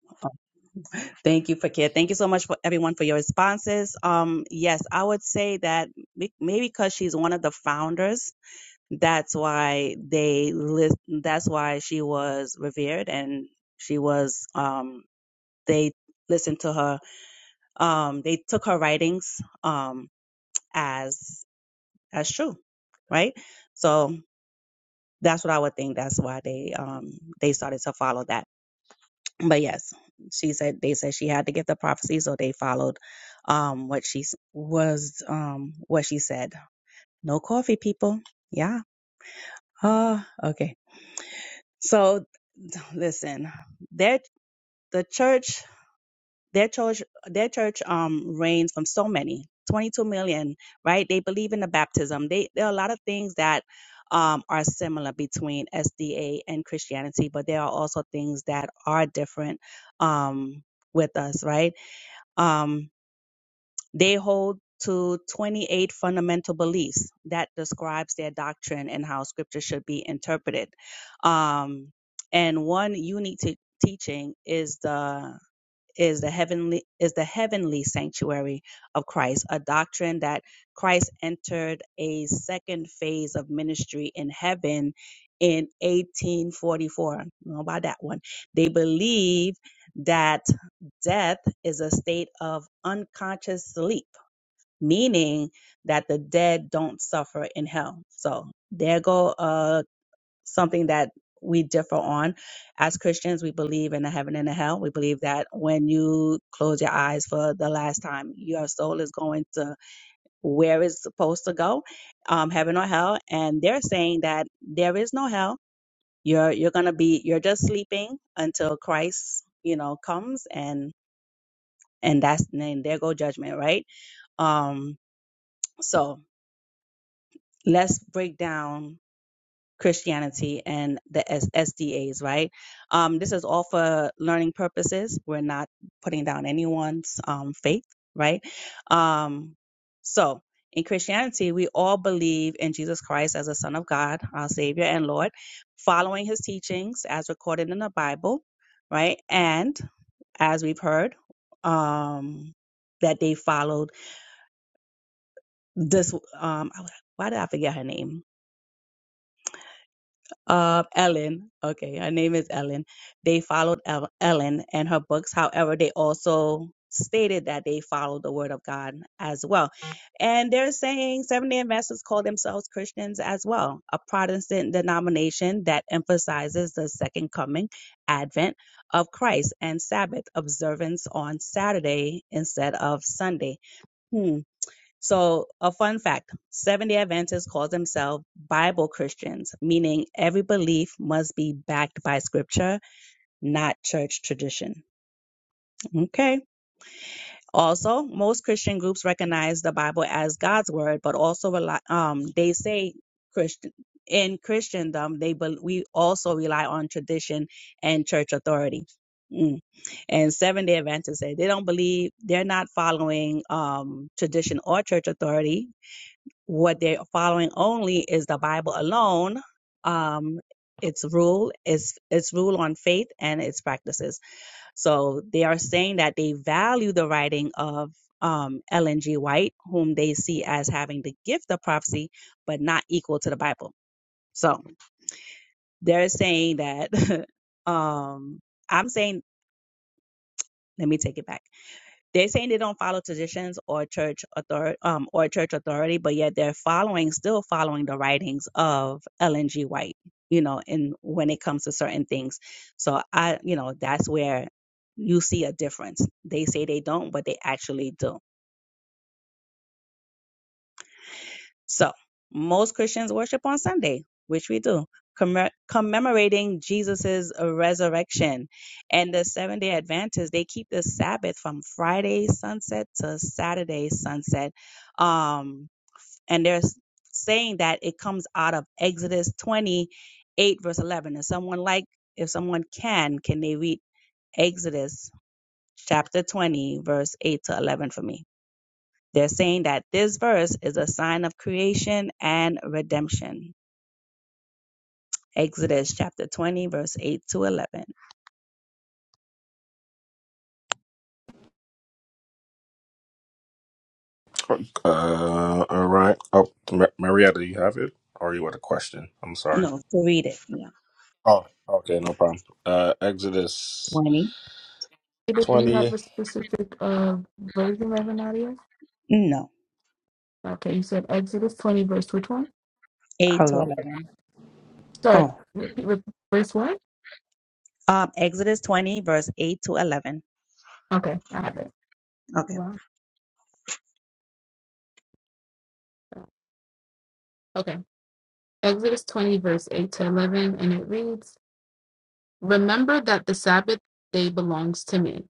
much. Thank you, Fakir. Thank you so much for everyone for your responses. Um, yes, I would say that may- maybe because she's one of the founders That's why they list, that's why she was revered and she was um they listened to her um they took her writings um as as true, right? So that's what I would think that's why they um they started to follow that. But yes, she said they said she had to get the prophecy so they followed um what she s- was um what she said. No coffee people. Yeah. Ah, okay. So listen, their the church, their church, their church um reigns from so many, 22 million, right? They believe in the baptism. They there are a lot of things that um are similar between SDA and Christianity, but there are also things that are different um with us, right? Um they hold to 28 fundamental beliefs that describes their doctrine and how scripture should be interpreted. Um, and one unique te- teaching is the is the heavenly is the heavenly sanctuary of Christ, a doctrine that Christ entered a second phase of ministry in heaven in 1844. I don't know about that one. They believe that death is a state of unconscious sleep meaning that the dead don't suffer in hell. So there go uh something that we differ on. As Christians, we believe in a heaven and a hell. We believe that when you close your eyes for the last time, your soul is going to where it's supposed to go, um, heaven or hell. And they're saying that there is no hell. You're you're gonna be you're just sleeping until Christ, you know, comes and and that's and there go judgment, right? Um, so let's break down Christianity and the S- SDAs, right? Um, this is all for learning purposes. We're not putting down anyone's um, faith, right? Um, so, in Christianity, we all believe in Jesus Christ as the Son of God, our Savior and Lord, following his teachings as recorded in the Bible, right? And as we've heard, um, that they followed this. Um, why did I forget her name? uh, Ellen. Okay, her name is Ellen. They followed El- Ellen and her books. However, they also stated that they followed the Word of God as well. And they're saying Seventh day Adventists call themselves Christians as well, a Protestant denomination that emphasizes the second coming, Advent of Christ, and Sabbath observance on Saturday instead of Sunday. Hmm. So, a fun fact Seventh-day Adventists call themselves Bible Christians, meaning every belief must be backed by scripture, not church tradition. Okay. Also, most Christian groups recognize the Bible as God's word, but also rely, um, they say Christian. In Christendom, they bel we also rely on tradition and church authority. Mm. And Seventh Day Adventists say they don't believe they're not following um, tradition or church authority what they're following only is the Bible alone. Um, its rule is its rule on faith and its practices. So they are saying that they value the writing of um, Ellen G. White, whom they see as having the gift of prophecy, but not equal to the Bible. So they're saying that. um, I'm saying, let me take it back. They're saying they don't follow traditions or church authority um, or church authority, but yet they're following, still following the writings of Ellen G. White. You know, and when it comes to certain things, so I, you know, that's where you see a difference. They say they don't, but they actually do So, most Christians worship on Sunday, which we do, commem- commemorating Jesus's resurrection. And the Seventh day Adventists, they keep the Sabbath from Friday sunset to Saturday sunset. Um, and they're s- saying that it comes out of Exodus 28, verse 11. If someone like, if someone can, can they read Exodus chapter 20, verse 8 to 11 for me? They're saying that this verse is a sign of creation and redemption. Exodus chapter 20, verse 8 to 11.
Uh, all right. Oh, Ma- Marietta, do you have it? Or you had a question? I'm sorry.
No, to read it. Yeah.
Oh, okay, no problem. Uh, Exodus
20.
David, do you have
20.
a specific uh version, Reverend Nadia?
No,
Okay, you said Exodus 20, verse which one?
8 to
Hello.
11.
Sorry,
Oh,
repeat, repeat, verse what?
Um, Exodus 20, verse 8 to 11.
Okay, I have it.
Okay.
Wow. Okay, Exodus 20, verse 8 to 11, and it reads Remember that the Sabbath day belongs to me.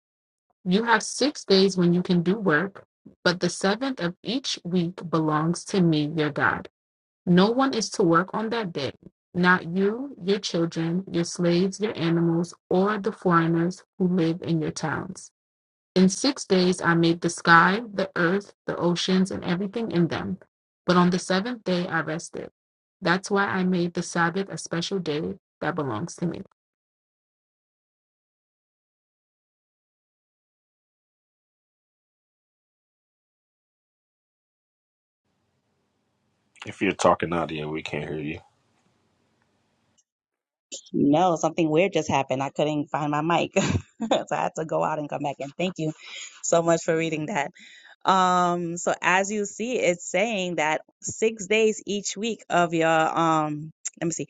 You have six days when you can do work, but the seventh of each week belongs to me, your God. No one is to work on that day, not you, your children, your slaves, your animals, or the foreigners who live in your towns. In six days I made the sky, the earth, the oceans, and everything in them. But on the seventh day I rested. That's why I made the Sabbath a special day that belongs to me.
If you're talking out here, we can't hear you.
No, something weird just happened. I couldn't find my mic. so I had to go out and come back And Thank you so much for reading that. Um, so as you see, it's saying that six days each week of your um let me see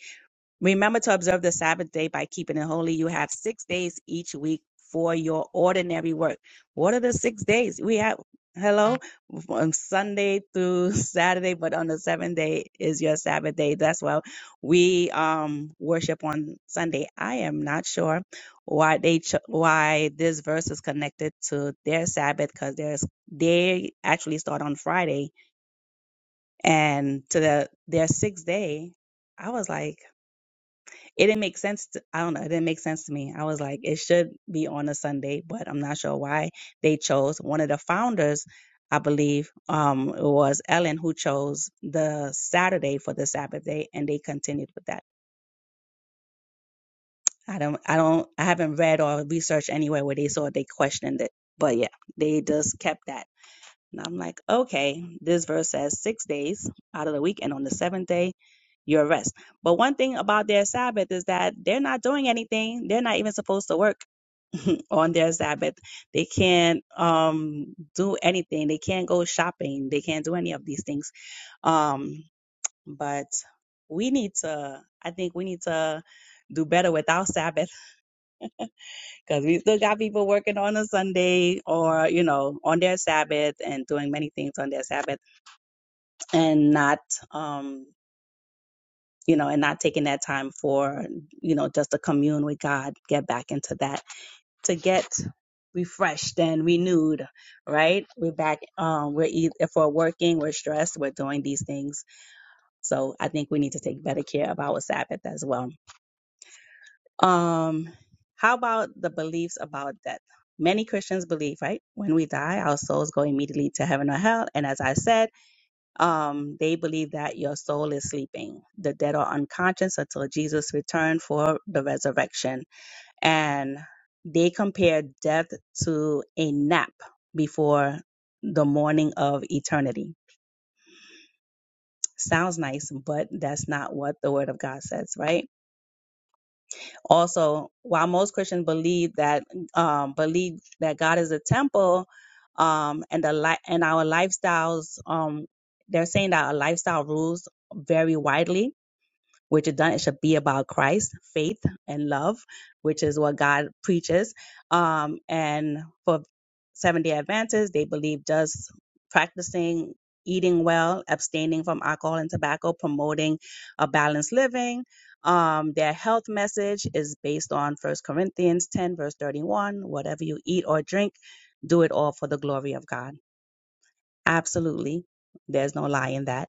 Remember to observe the Sabbath day by keeping it holy. You have six days each week for your ordinary work. What are the six days? We have, hello, from Sunday through Saturday, but on the seventh day is your Sabbath day. That's why we um worship on Sunday. I am not sure why they ch- why this verse is connected to their Sabbath because there's they actually start on Friday and to the their sixth day. I was like. It didn't make sense. To, I don't know. It didn't make sense to me. I was like, it should be on a Sunday, but I'm not sure why they chose one of the founders. I believe um, it was Ellen who chose the Saturday for the Sabbath day, and they continued with that. I don't, I don't, I haven't read or researched anywhere where they saw they questioned it, but yeah, they just kept that. And I'm like, okay, this verse says six days out of the week, and on the seventh day, your rest. But one thing about their Sabbath is that they're not doing anything. They're not even supposed to work on their Sabbath. They can't um, do anything. They can't go shopping. They can't do any of these things. Um, but we need to, I think we need to do better with our Sabbath because we still got people working on a Sunday or, you know, on their Sabbath and doing many things on their Sabbath and not um you know and not taking that time for you know just to commune with god get back into that to get refreshed and renewed right we're back um we're either if we're working we're stressed we're doing these things so i think we need to take better care of our sabbath as well um how about the beliefs about death many christians believe right when we die our souls go immediately to heaven or hell and as i said Um, they believe that your soul is sleeping, the dead are unconscious until Jesus returned for the resurrection. And they compare death to a nap before the morning of eternity. Sounds nice, but that's not what the word of God says, right? Also, while most Christians believe that um, believe that God is a temple, um, and the li- and our lifestyles, um, they're saying that our lifestyle rules vary widely which is done. It should be about Christ, faith, and love, which is what God preaches. Um, and for Seven Day Adventists, they believe just practicing eating well, abstaining from alcohol and tobacco, promoting a balanced living. Um, their health message is based on First Corinthians 10, verse 31. Whatever you eat or drink, do it all for the glory of God. Absolutely. There's no lie in that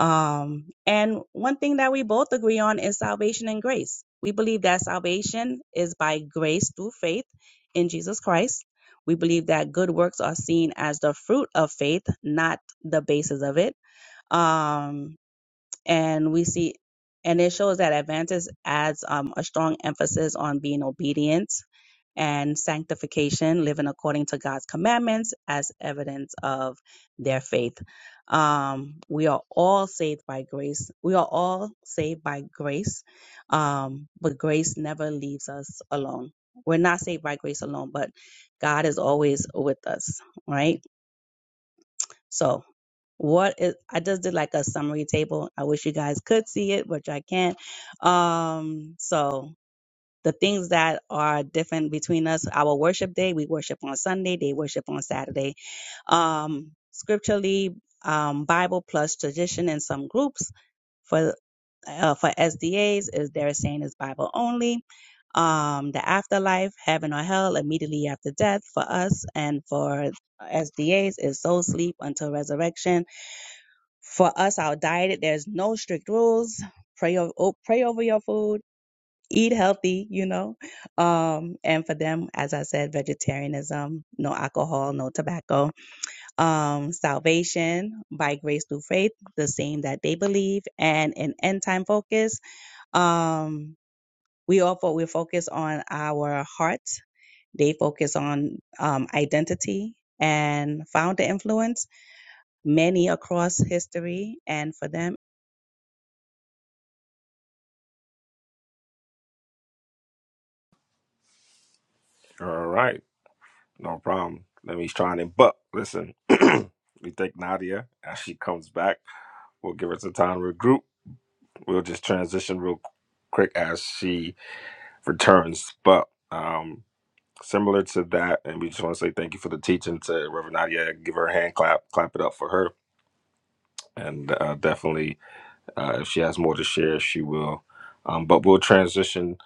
um, and one thing that we both agree on is salvation and grace. We believe that salvation is by grace through faith in Jesus Christ. We believe that good works are seen as the fruit of faith, not the basis of it. Um, and we see and it shows that advances adds um, a strong emphasis on being obedient and sanctification living according to god's commandments as evidence of their faith um, we are all saved by grace we are all saved by grace um, but grace never leaves us alone we're not saved by grace alone but god is always with us right so what is i just did like a summary table i wish you guys could see it but i can't um so the things that are different between us our worship day we worship on sunday they worship on saturday um scripturally um bible plus tradition in some groups for uh, for SDAs is they're saying is Bible only. Um, the afterlife, heaven or hell, immediately after death for us, and for SDAs is soul sleep until resurrection for us, our diet, there's no strict rules. Pray over, pray over your food, eat healthy, you know. Um, and for them, as I said, vegetarianism, no alcohol, no tobacco. Um, salvation by grace through faith, the same that they believe, and an end time focus. Um, we all fo- we focus on our heart. They focus on um, identity and founder influence. Many across history, and for them.
All right, no problem. Let me try and but listen. we take Nadia as she comes back. We'll give her some time to regroup. We'll just transition real quick as she returns. But um, similar to that. And we just want to say thank you for the teaching to Reverend Nadia. Give her a hand clap, clap it up for her. And uh, definitely, uh, if she has more to share, she will. Um, but we'll transition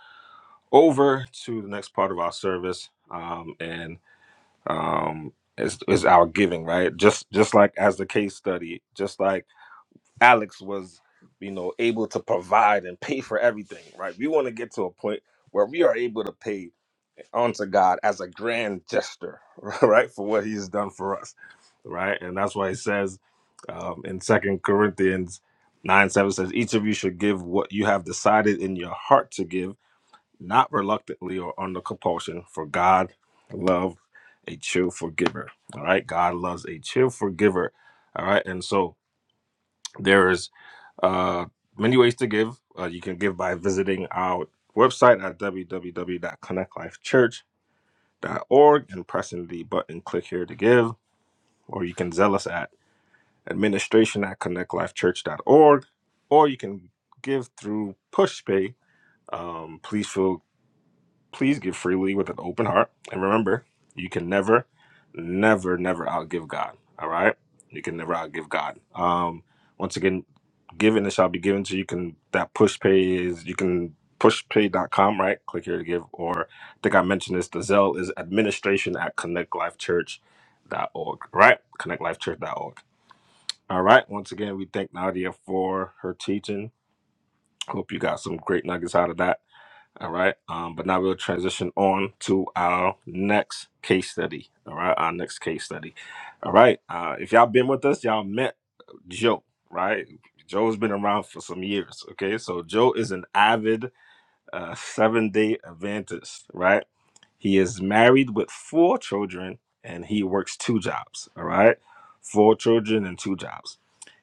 over to the next part of our service, um, and um, is is our giving, right? Just just like as the case study, just like Alex was, you know, able to provide and pay for everything, right? We want to get to a point where we are able to pay unto God as a grand gesture, right, for what He's done for us, right? And that's why He says um, in Second Corinthians nine seven says, "Each of you should give what you have decided in your heart to give, not reluctantly or under compulsion, for God loves a cheerful giver." All right, God loves a cheerful giver. All right, and so there is uh, many ways to give. Uh, you can give by visiting our website at w w w dot connect life church connect dot org and pressing the button click here to give or you can zell us at administration at connect life church dot org or you can give through pushpay um, please feel Please give freely with an open heart. And remember, you can never, never, never outgive God. All right? You can never outgive God. Um, once again, given it shall be given to you. You can that push pay is you can pushpay dot com right? Click here to give. Or I think I mentioned this, the Zelle is administration at connect life church dot org right? connect life church dot org. All right. Once again, we thank Nadia for her teaching. Hope you got some great nuggets out of that. All right. Um, but now we'll transition on to our next case study. All right. Our next case study. All right. Uh, if y'all been with us, y'all met Joe, right? Joe's been around for some years. Okay. So Joe is an avid uh, seven day Adventist, right? He is married with four children and he works two jobs. All right. Four children and two jobs.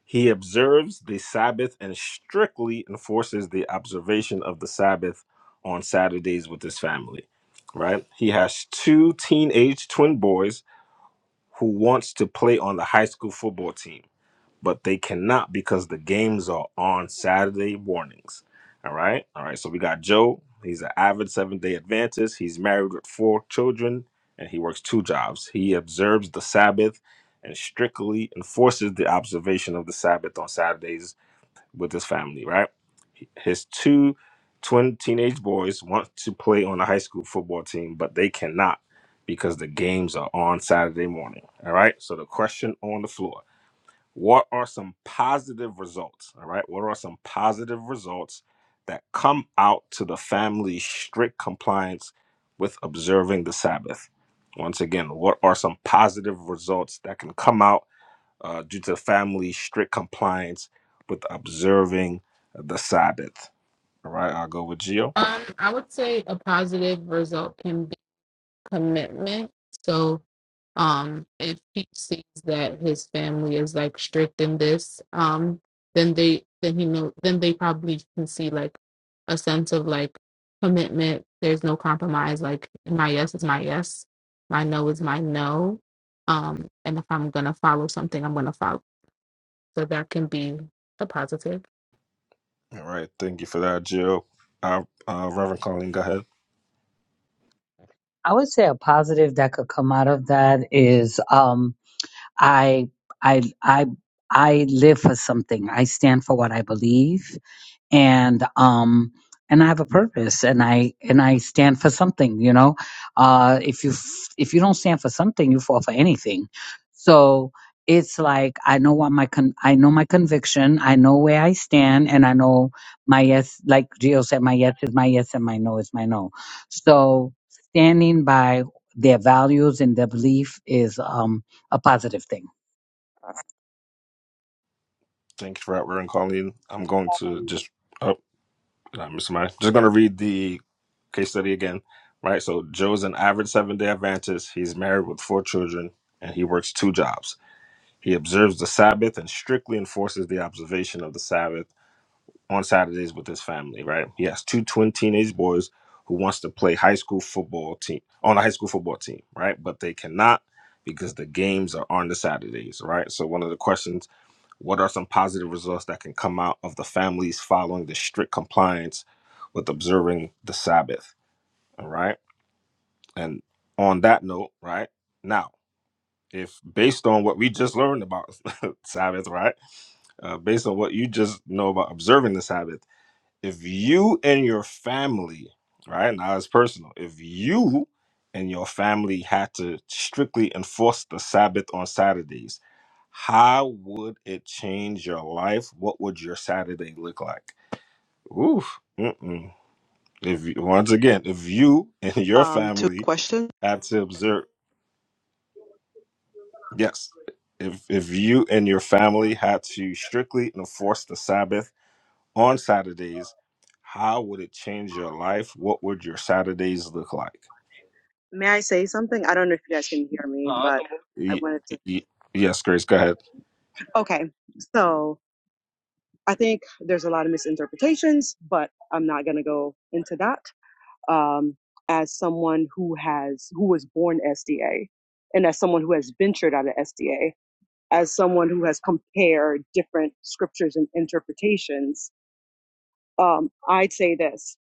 He observes the Sabbath and strictly enforces the observation of the Sabbath on Saturdays with his family. Right. He has two teenage twin boys who wants to play on the high school football team but they cannot because the games are on Saturday mornings. All right. All right. So we got Joe. He's an avid Seventh day Adventist. He's married with four children and he works two jobs. He observes the Sabbath and strictly enforces the observation of the Sabbath on Saturdays with his family, right? His two twin teenage boys want to play on the high school football team, but they cannot because the games are on Saturday morning. All right. So the question on the floor what are some positive results? All right. What are some positive results that come out to the family's strict compliance with observing the Sabbath? Once again, what are some positive results that can come out uh, due to the family's strict compliance with observing the Sabbath? All right. I'll go with Gio.
Um, I would say a positive result can commitment. So um if he sees that his family is like strict in this, um, then they then he know then they probably can see like a sense of like commitment. There's no compromise, like my yes is my yes, my no is my no. Um, and if I'm gonna follow something, I'm gonna follow. So that can be a positive.
All right. Thank you for that, Gio. Uh, uh, Reverend Colleen, go ahead.
I would say a positive that could come out of that is um, I I I I live for something. I stand for what I believe, and um and I have a purpose and I and I stand for something, you know. Uh if you f- if you don't stand for something, you fall for anything. So it's like I know what my con- I know my conviction, I know where I stand and I know my yes like Gio said my yes is my yes and my no is my no. So standing by their values and their belief is um a positive thing.
Thank you for that, Reverend Colleen. I'm going to just, oh, did I miss my? Just going to read the case study again, right? So Joe's an average seven day Adventist. He's married with four children and he works two jobs. He observes the Sabbath and strictly enforces the observation of the Sabbath on Saturdays with his family, right? He has two twin teenage boys who wants to play high school football team on a high school football team, right? But they cannot because the games are on the Saturdays, right? So one of the questions, what are some positive results that can come out of the families following the strict compliance with observing the Sabbath? All right. And on that note, right now, if based on what we just learned about Sabbath, right, uh, based on what you just know about observing the Sabbath, if you and your family, right, now it's personal, if you and your family had to strictly enforce the Sabbath on Saturdays, how would it change your life? What would your Saturday look like? Oof. Mm-mm. If you, once again, if you and your
Uh,
family had to observe Yes. If if you and your family had to strictly enforce the Sabbath on Saturdays, how would it change your life? What would your Saturdays look like?
may I say something? I don't know if you guys can hear me, No, I but don't. I
Y-
wanted to.
y- y- yes, Grace, go ahead.
Okay, so I think there's a lot of misinterpretations, but I'm not gonna go into that. Um, as someone who has who was born SDA, and as someone who has ventured out of SDA, as someone who has compared different scriptures and interpretations, um, I'd say this: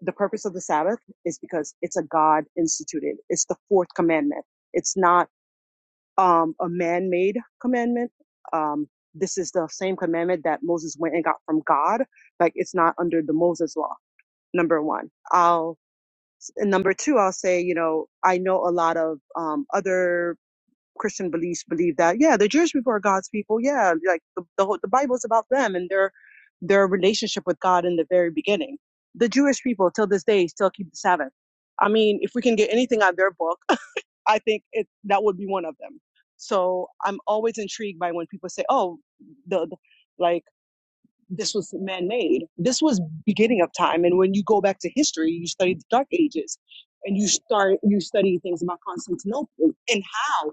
the purpose of the Sabbath is because it's a God instituted. It's the fourth commandment. It's not um, a man made commandment. Um, this is the same commandment that Moses went and got from God. Like it's not under the Moses law. Number one. I'll, and number two, I'll say, you know, I know a lot of um, other Christian beliefs believe that, yeah, the Jewish people are God's people. Yeah, like the, the, whole, the Bible's about them and their, their relationship with God in the very beginning. The Jewish people till this day still keep the Sabbath. I mean, if we can get anything out of their book, I think it that would be one of them. So I'm always intrigued by when people say, "Oh, the, the- like." this was man-made. This was beginning of time. And when you go back to history, you study the Dark Ages, and you start you study things about Constantinople and how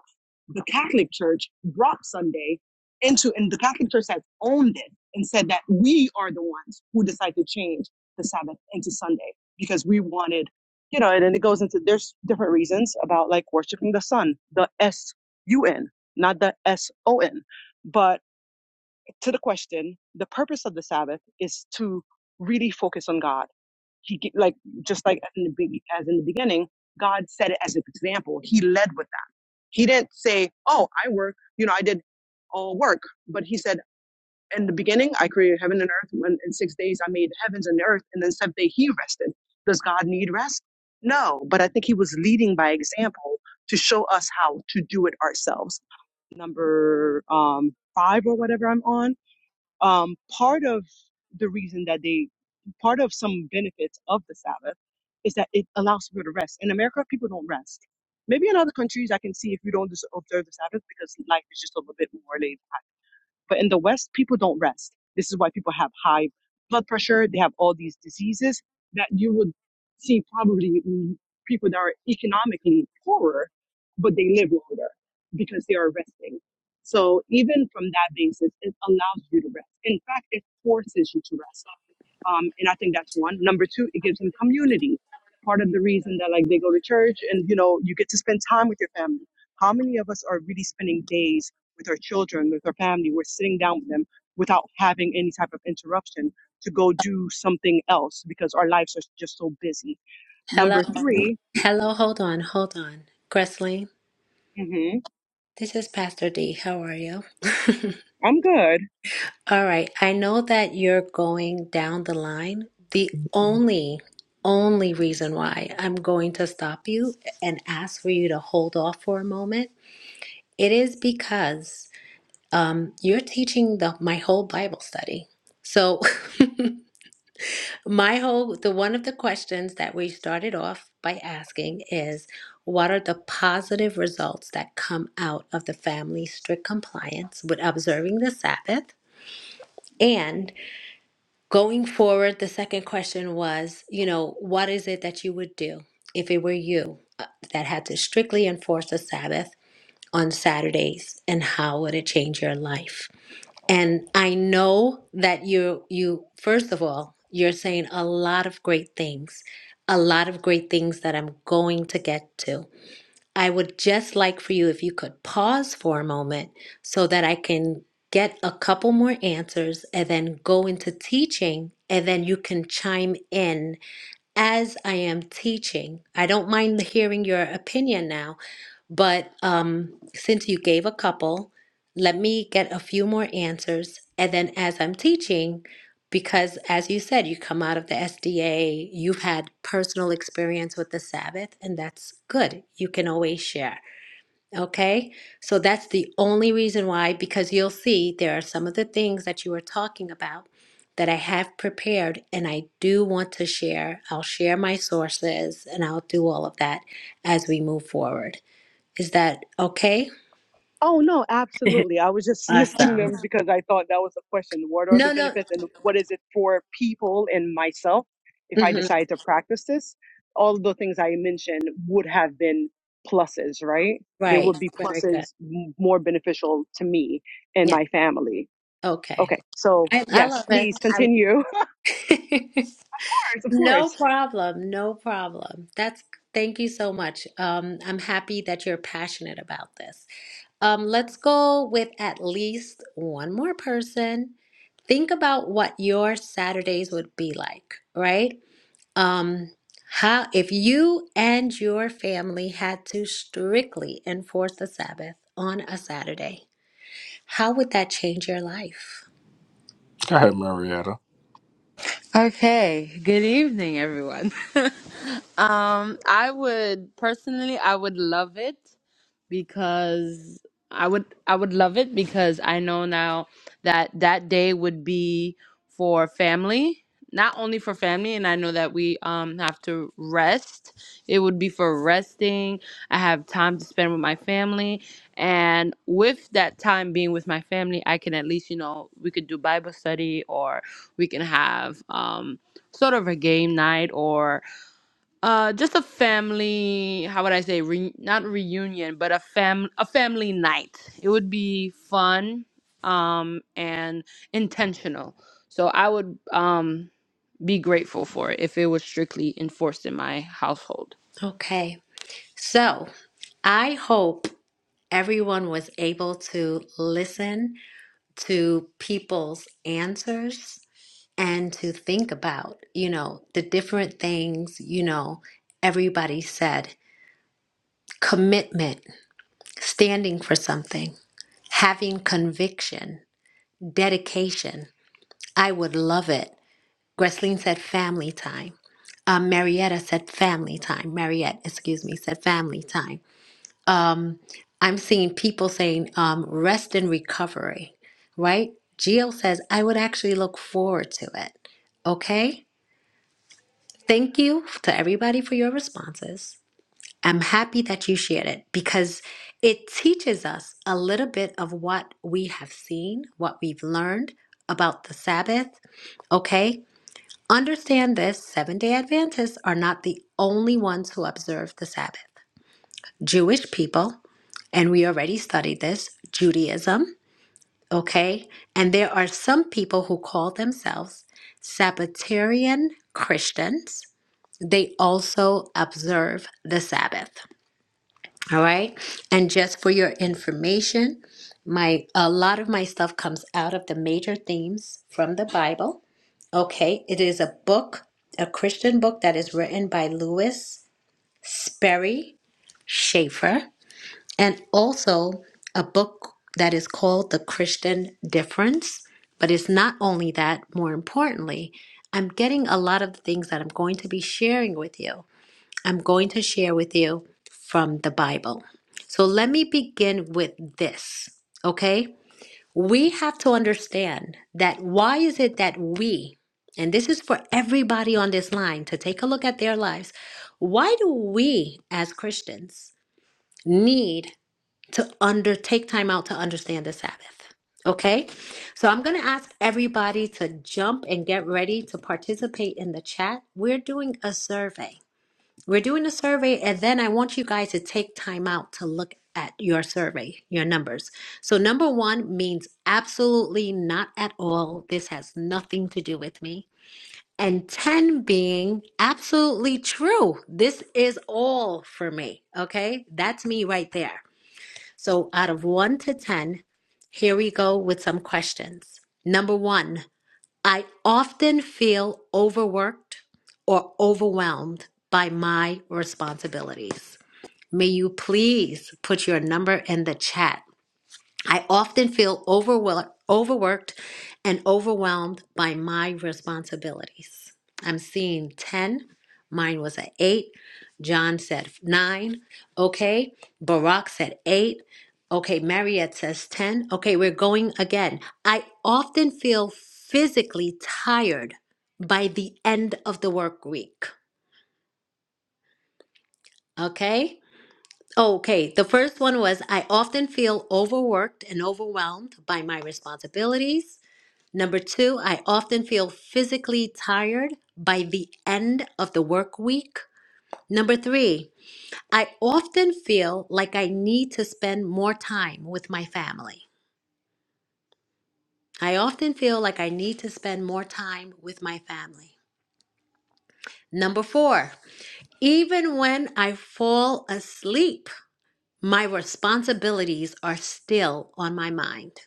the Catholic Church brought Sunday into, and the Catholic Church has owned it and said that we are the ones who decide to change the Sabbath into Sunday because we wanted, you know, and then it goes into there's different reasons about like worshiping the sun, the S U N, not the S O N, but to the question, the purpose of the Sabbath is to really focus on God. He ge- like just like in the big as in the beginning, God said it as an example. He led with that. He didn't say, "Oh, I work. You know, I did all work," but he said, "In the beginning, I created heaven and earth. When in six days, I made the heavens and the earth, and then seventh day, He rested." Does God need rest? No, but I think He was leading by example to show us how to do it ourselves. Number um, five or whatever I'm on um, part of the reason that they, part of some benefits of the Sabbath is that it allows people to rest. In America, people don't rest. Maybe in other countries, I can see if you don't just observe the Sabbath because life is just a little bit more laid but in the West, people don't rest. This is why people have high blood pressure. They have all these diseases that you would see probably in people that are economically poorer, but they live longer because they are resting. So even from that basis, it allows you to rest. In fact, it forces you to rest um, and I think that's one. Number two, it gives them community. Part of the reason that like they go to church and you know you get to spend time with your family. How many of us are really spending days with our children, with our family? We're sitting down with them without having any type of interruption to go do something else because our lives are just so busy.
Hello.
Number 3
Hello. Hold on. Hold on. Gressley,
hmm
this is Pastor D. How are you?
I'm good.
All right. I know that you're going down the line. The only, only reason why I'm going to stop you and ask for you to hold off for a moment, it is because um, you're teaching the my whole Bible study. So my whole the one of the questions that we started off by asking is what are the positive results that come out of the family strict compliance with observing the Sabbath? and Going forward, the second question was, you know, what is it that you would do if it were you uh, that had to strictly enforce a Sabbath on Saturdays, and how would it change your life? And I know that you you first of all, you're saying a lot of great things, a lot of great things that I'm going to get to. I would just like for you if you could pause for a moment so that I can get a couple more answers and then go into teaching and then you can chime in as I am teaching, I don't mind hearing your opinion now, but um, since you gave a couple, let me get a few more answers. And then as I'm teaching, because as you said, you come out of the SDA, you've had personal experience with the Sabbath, and that's good. You can always share. Okay, so that's the only reason why, because you'll see there are some of the things that you were talking about that I have prepared and I do want to share. I'll share my sources and I'll do all of that as we move forward. Is that okay?
Oh no, absolutely. I was just listing
Awesome.
them because I thought that was the question. What are the
No, no.
benefits and what is it for people and myself if I
hmm
decide to practice this? All of the things I mentioned would have been pluses, right? There
Right.
would be
Very good.
pluses m- more beneficial to me and
Yeah.
my family.
Okay.
Okay, so
I, I
yes,
love it.
please continue.
i
Of course, of
no
course.
problem. No problem. That's, thank you so much. Um, I'm happy that you're passionate about this. Um, let's go with at least one more person. Think about what your Saturdays would be like, right? Um, how if you and your family had to strictly enforce the Sabbath on a Saturday, how would that change your life?
Go ahead, Marietta.
Okay, good evening everyone. um I would personally I would love it because I would I would love it because I know now that that day would be for family, not only for family, and I know that we um have to rest. It would be for resting. I have time to spend with my family, and with that time being with my family, I can at least you know we could do Bible study or we can have um sort of a game night or uh, just a family. How would I say? Re- not reunion, but a fam a family night. It would be fun, um, and intentional. So I would um be grateful for it if it was strictly enforced in my household.
Okay, so I hope everyone was able to listen to people's answers and to think about, you know, the different things, you know, everybody said commitment, standing for something, having conviction, dedication. I would love it. Gresleen said family time. Uh, Marietta said family time. Mariette, excuse me, said family time um, I'm seeing people saying um, rest and recovery, right? Jill says, I would actually look forward to it. Okay. Thank you to everybody for your responses. I'm happy that you shared it because it teaches us a little bit of what we have seen, what we've learned about the Sabbath. Okay. Understand this seven day Adventists are not the only ones who observe the Sabbath. Jewish people and we already studied this Judaism, okay? And there are some people who call themselves Sabbatarian Christians. They also observe the Sabbath, all right? And just for your information, my a lot of my stuff comes out of the major themes from the Bible. Okay, it is a book, a Christian book that is written by Lewis Sperry Schaefer and also a book that is called The Christian Difference. But it's not only that, more importantly, I'm getting a lot of the things that I'm going to be sharing with you. I'm going to share with you from the Bible. So let me begin with this, okay? We have to understand that why is it that we, and this is for everybody on this line to take a look at their lives, why do we as Christians need to under take time out to understand the Sabbath. Okay? So I'm going to ask everybody to jump and get ready to participate in the chat. We're doing a survey. We're doing a survey and then I want you guys to take time out to look at your survey, your numbers. So number 1 means absolutely not at all. This has nothing to do with me. And 10 being absolutely true. This is all for me. Okay? That's me right there. So, out of one to 10, here we go with some questions. Number one, I often feel overworked or overwhelmed by my responsibilities. May you please put your number in the chat. I often feel overwhel- overworked and overwhelmed by my responsibilities. I'm seeing 10. Mine was at 8. John said 9. Okay. Barack said 8. Okay. Mariette says 10. Okay. We're going again. I often feel physically tired by the end of the work week. Okay. Okay, the first one was I often feel overworked and overwhelmed by my responsibilities. Number two, I often feel physically tired by the end of the work week. Number three, I often feel like I need to spend more time with my family. I often feel like I need to spend more time with my family. Number four, even when I fall asleep, my responsibilities are still on my mind.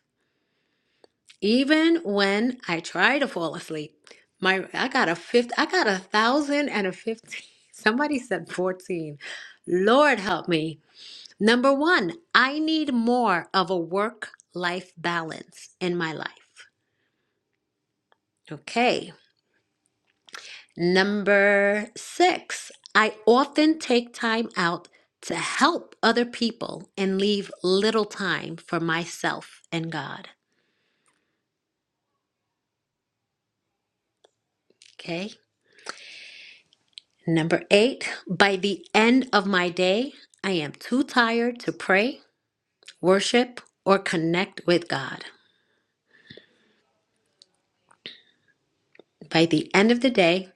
Even when I try to fall asleep, my I got a fifth, I got a thousand and a fifteen. Somebody said fourteen. Lord help me. Number one, I need more of a work-life balance in my life. Okay. Number six, I often take time out to help other people and leave little time for myself and God. Okay. Number eight, by the end of my day, I am too tired to pray, worship, or connect with God. By the end of the day,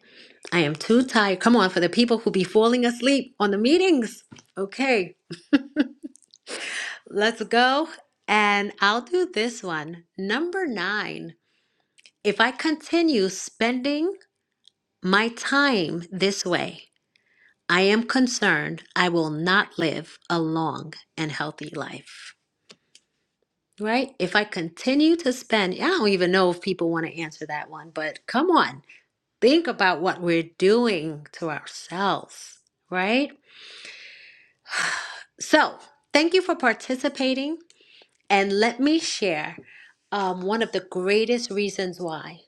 I am too tired. Come on, for the people who be falling asleep on the meetings. Okay, let's go. And I'll do this one. Number nine, if I continue spending my time this way, I am concerned I will not live a long and healthy life. right? If I continue to spend, I don't even know if people want to answer that one, but come on, think about what we're doing to ourselves, right? So, thank you for participating. And let me share um, one of the greatest reasons why.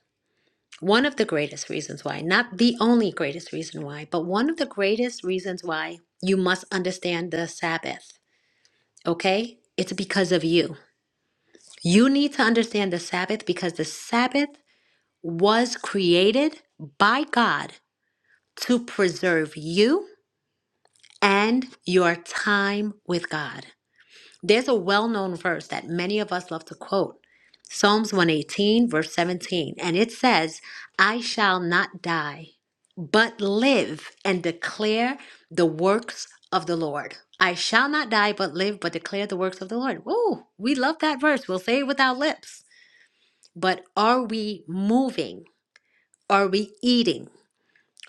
One of the greatest reasons why, not the only greatest reason why, but one of the greatest reasons why you must understand the Sabbath, okay? It's because of you. You need to understand the Sabbath because the Sabbath was created by God to preserve you and your time with God. There's a well known verse that many of us love to quote Psalms 118, verse 17, and it says, I shall not die, but live and declare the works of the Lord. I shall not die, but live, but declare the works of the Lord. Ooh, we love that verse. We'll say it with our lips. But are we moving? Are we eating?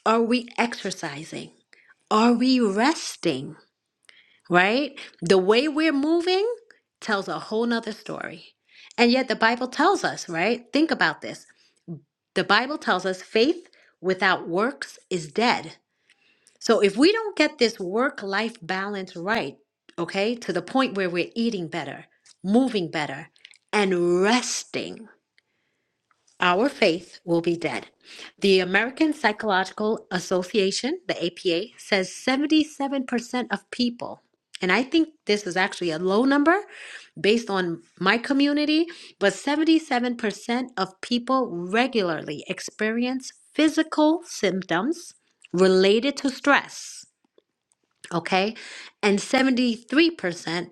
Are we exercising? Are we resting? Right? The way we're moving tells a whole nother story. And yet the Bible tells us, right? Think about this. The Bible tells us faith without works is dead. So if we don't get this work life balance right, okay, to the point where we're eating better, moving better, and resting, our faith will be dead. The American Psychological Association, the APA, says 77% of people, and I think this is actually a low number based on my community, but 77% of people regularly experience physical symptoms related to stress okay? And 73%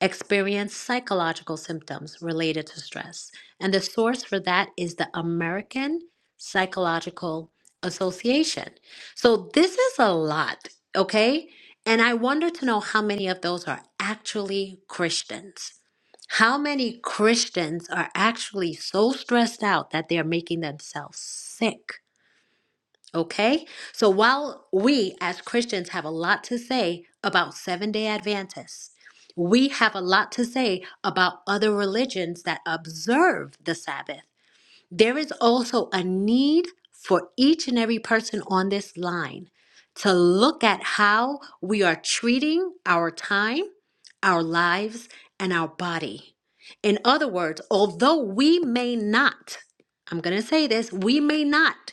experience psychological symptoms related to stress. And the source for that is the American Psychological Association. So this is a lot, okay? And I wonder to know how many of those are actually Christians. How many Christians are actually so stressed out that they're making themselves sick? Okay? So while we as Christians have a lot to say about Seventh day Adventists, we have a lot to say about other religions that observe the Sabbath. There is also a need for each and every person on this line to look at how we are treating our time, our lives, and our body. In other words, although we may not, I'm going to say this, we may not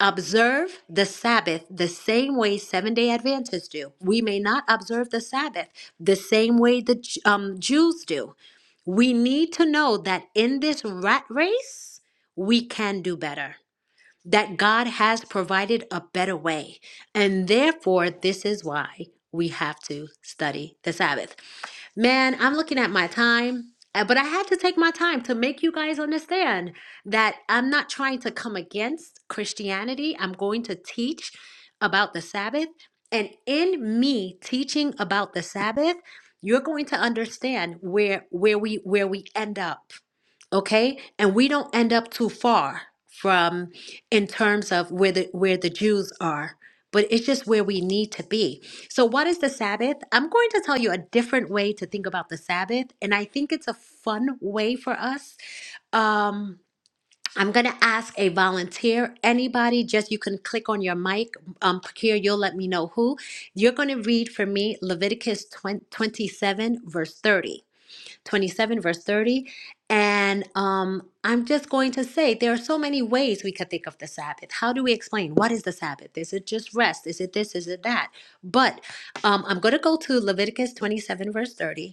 Observe the Sabbath the same way seven day Adventists do. We may not observe the Sabbath the same way the um, Jews do. We need to know that in this rat race, we can do better, that God has provided a better way. And therefore, this is why we have to study the Sabbath. Man, I'm looking at my time, uh, but I had to take my time to make you guys understand that I'm not trying to come against Christianity. I'm going to teach about the Sabbath. And in me teaching about the Sabbath, you're going to understand where where we where we end up okay and we don't end up too far from in terms of where the where the jews are but it's just where we need to be so what is the sabbath i'm going to tell you a different way to think about the sabbath and i think it's a fun way for us um I'm gonna ask a volunteer, anybody, just you can click on your mic. Um, here, you'll let me know who. You're gonna read for me Leviticus 20, twenty-seven, verse 30. 27, verse 30. And um, I'm just going to say there are so many ways we could think of the Sabbath. How do we explain? What is the Sabbath? Is it just rest? Is it this? Is it that? But um, I'm going to go to Leviticus 27, verse 30.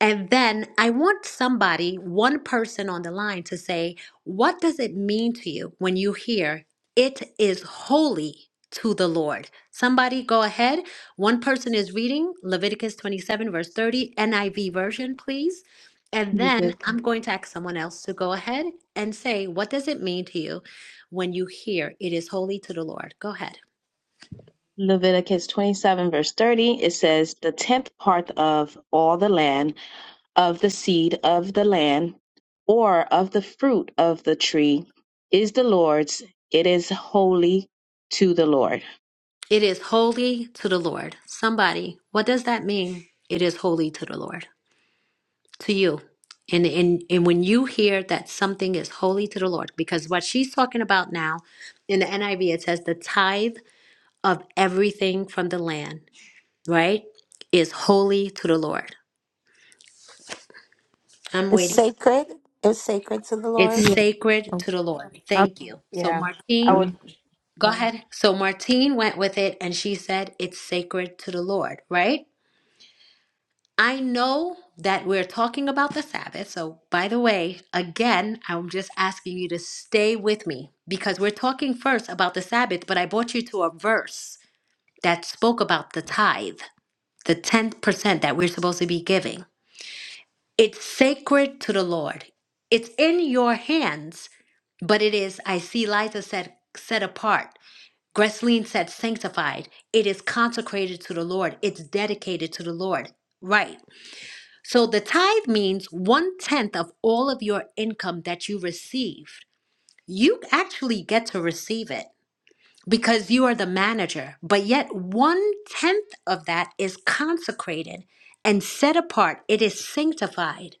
And then I want somebody, one person on the line to say, what does it mean to you when you hear it is holy to the Lord? Somebody go ahead. One person is reading Leviticus 27, verse 30, NIV version, please. And then Okay.
Levit-
I'm going to ask someone else to go ahead and say, what does it mean to you when you hear it is holy to the Lord? Go ahead.
Leviticus 27, verse 30, it says, The tenth part of all the land, of the seed of the land, or of the fruit of the tree, is the Lord's. It is holy to the Lord.
It is holy to the Lord. Somebody, what does that mean? It is holy to the Lord. to you. And, and and when you hear that something is holy to the Lord, because what she's talking about now in the NIV, it says the tithe of everything from the land, right, is holy to the Lord. I'm
It's
waiting.
sacred. It's sacred to the Lord.
It's
Yeah.
sacred to the Lord.
I
Thank you. So
Yeah,
do.
Martine, go ahead. So Martine went with it and she said it's sacred to the Lord, right? I know that we're talking about the Sabbath. So, by the way, again, I'm just asking you to stay with me because we're talking first about the Sabbath, but I brought you to a verse that spoke about the tithe, the 10% that we're supposed to be giving. It's sacred to the Lord, it's in your hands, but it is, I see Liza said, set apart. Gresleen said, sanctified. It is consecrated to the Lord, it's dedicated to the Lord. Right. So the tithe means one tenth of all of your income that you received. You actually get to receive it because you are the manager, but yet one tenth of that is consecrated and set apart. It is sanctified.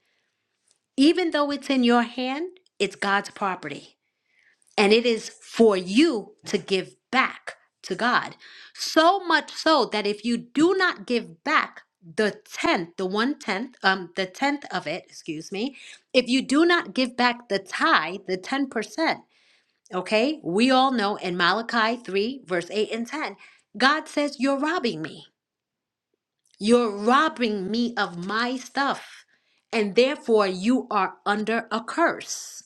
Even though it's in your hand, it's God's property and it is for you to give back to God. So much so that if you do not give back the tenth, the one tenth, um, the tenth of it, excuse me, if you do not give back the tithe, the ten percent, okay, we all know in Malachi three verse eight and ten, God says you're robbing me. You're robbing me of my stuff, and therefore you are under a curse.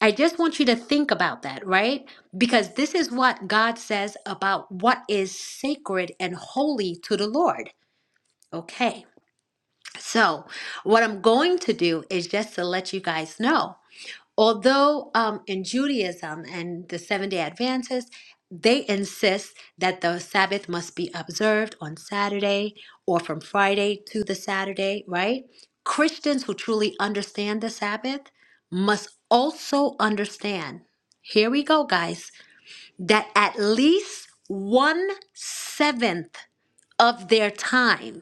I just want you to think about that, right? Because this is what God says about what is sacred and holy to the Lord. Okay, so what I'm going to do is just to let you guys know although um, in Judaism and the Seventh day Adventists, they insist that the Sabbath must be observed on Saturday or from Friday to the Saturday, right? Christians who truly understand the Sabbath must also understand, here we go, guys, that at least one seventh of their time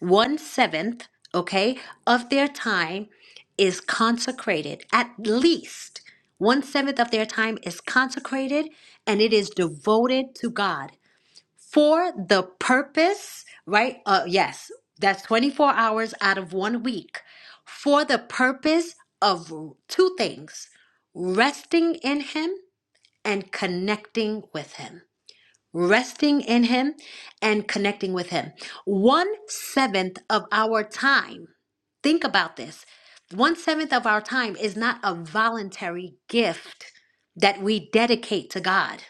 one seventh, okay, of their time is consecrated. At least one seventh of their time is consecrated and it is devoted to God for the purpose, right? Uh, yes, that's 24 hours out of one week for the purpose of two things resting in Him and connecting with Him resting in Him and connecting with Him. One seventh of our time, think about this one seventh of our time is not a voluntary gift that we dedicate to God.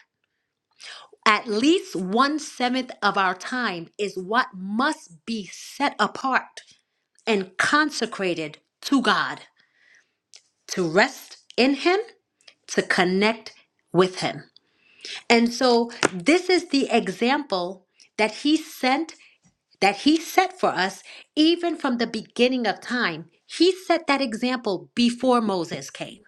At least one seventh of our time is what must be set apart and consecrated to God to rest in Him, to connect with Him. And so, this is the example that He sent that He set for us even from the beginning of time. He set that example before Moses came.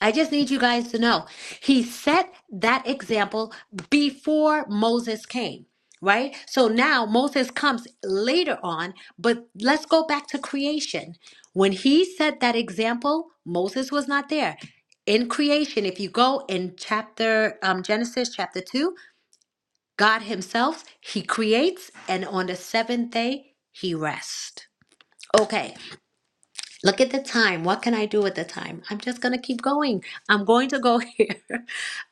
I just need you guys to know. He set that example before Moses came, right? So now Moses comes later on, but let's go back to creation. When he set that example, Moses was not there. In creation, if you go in chapter um, Genesis chapter 2, God Himself, He creates, and on the seventh day, He rests. Okay, look at the time. What can I do with the time? I'm just going to keep going. I'm going to go here.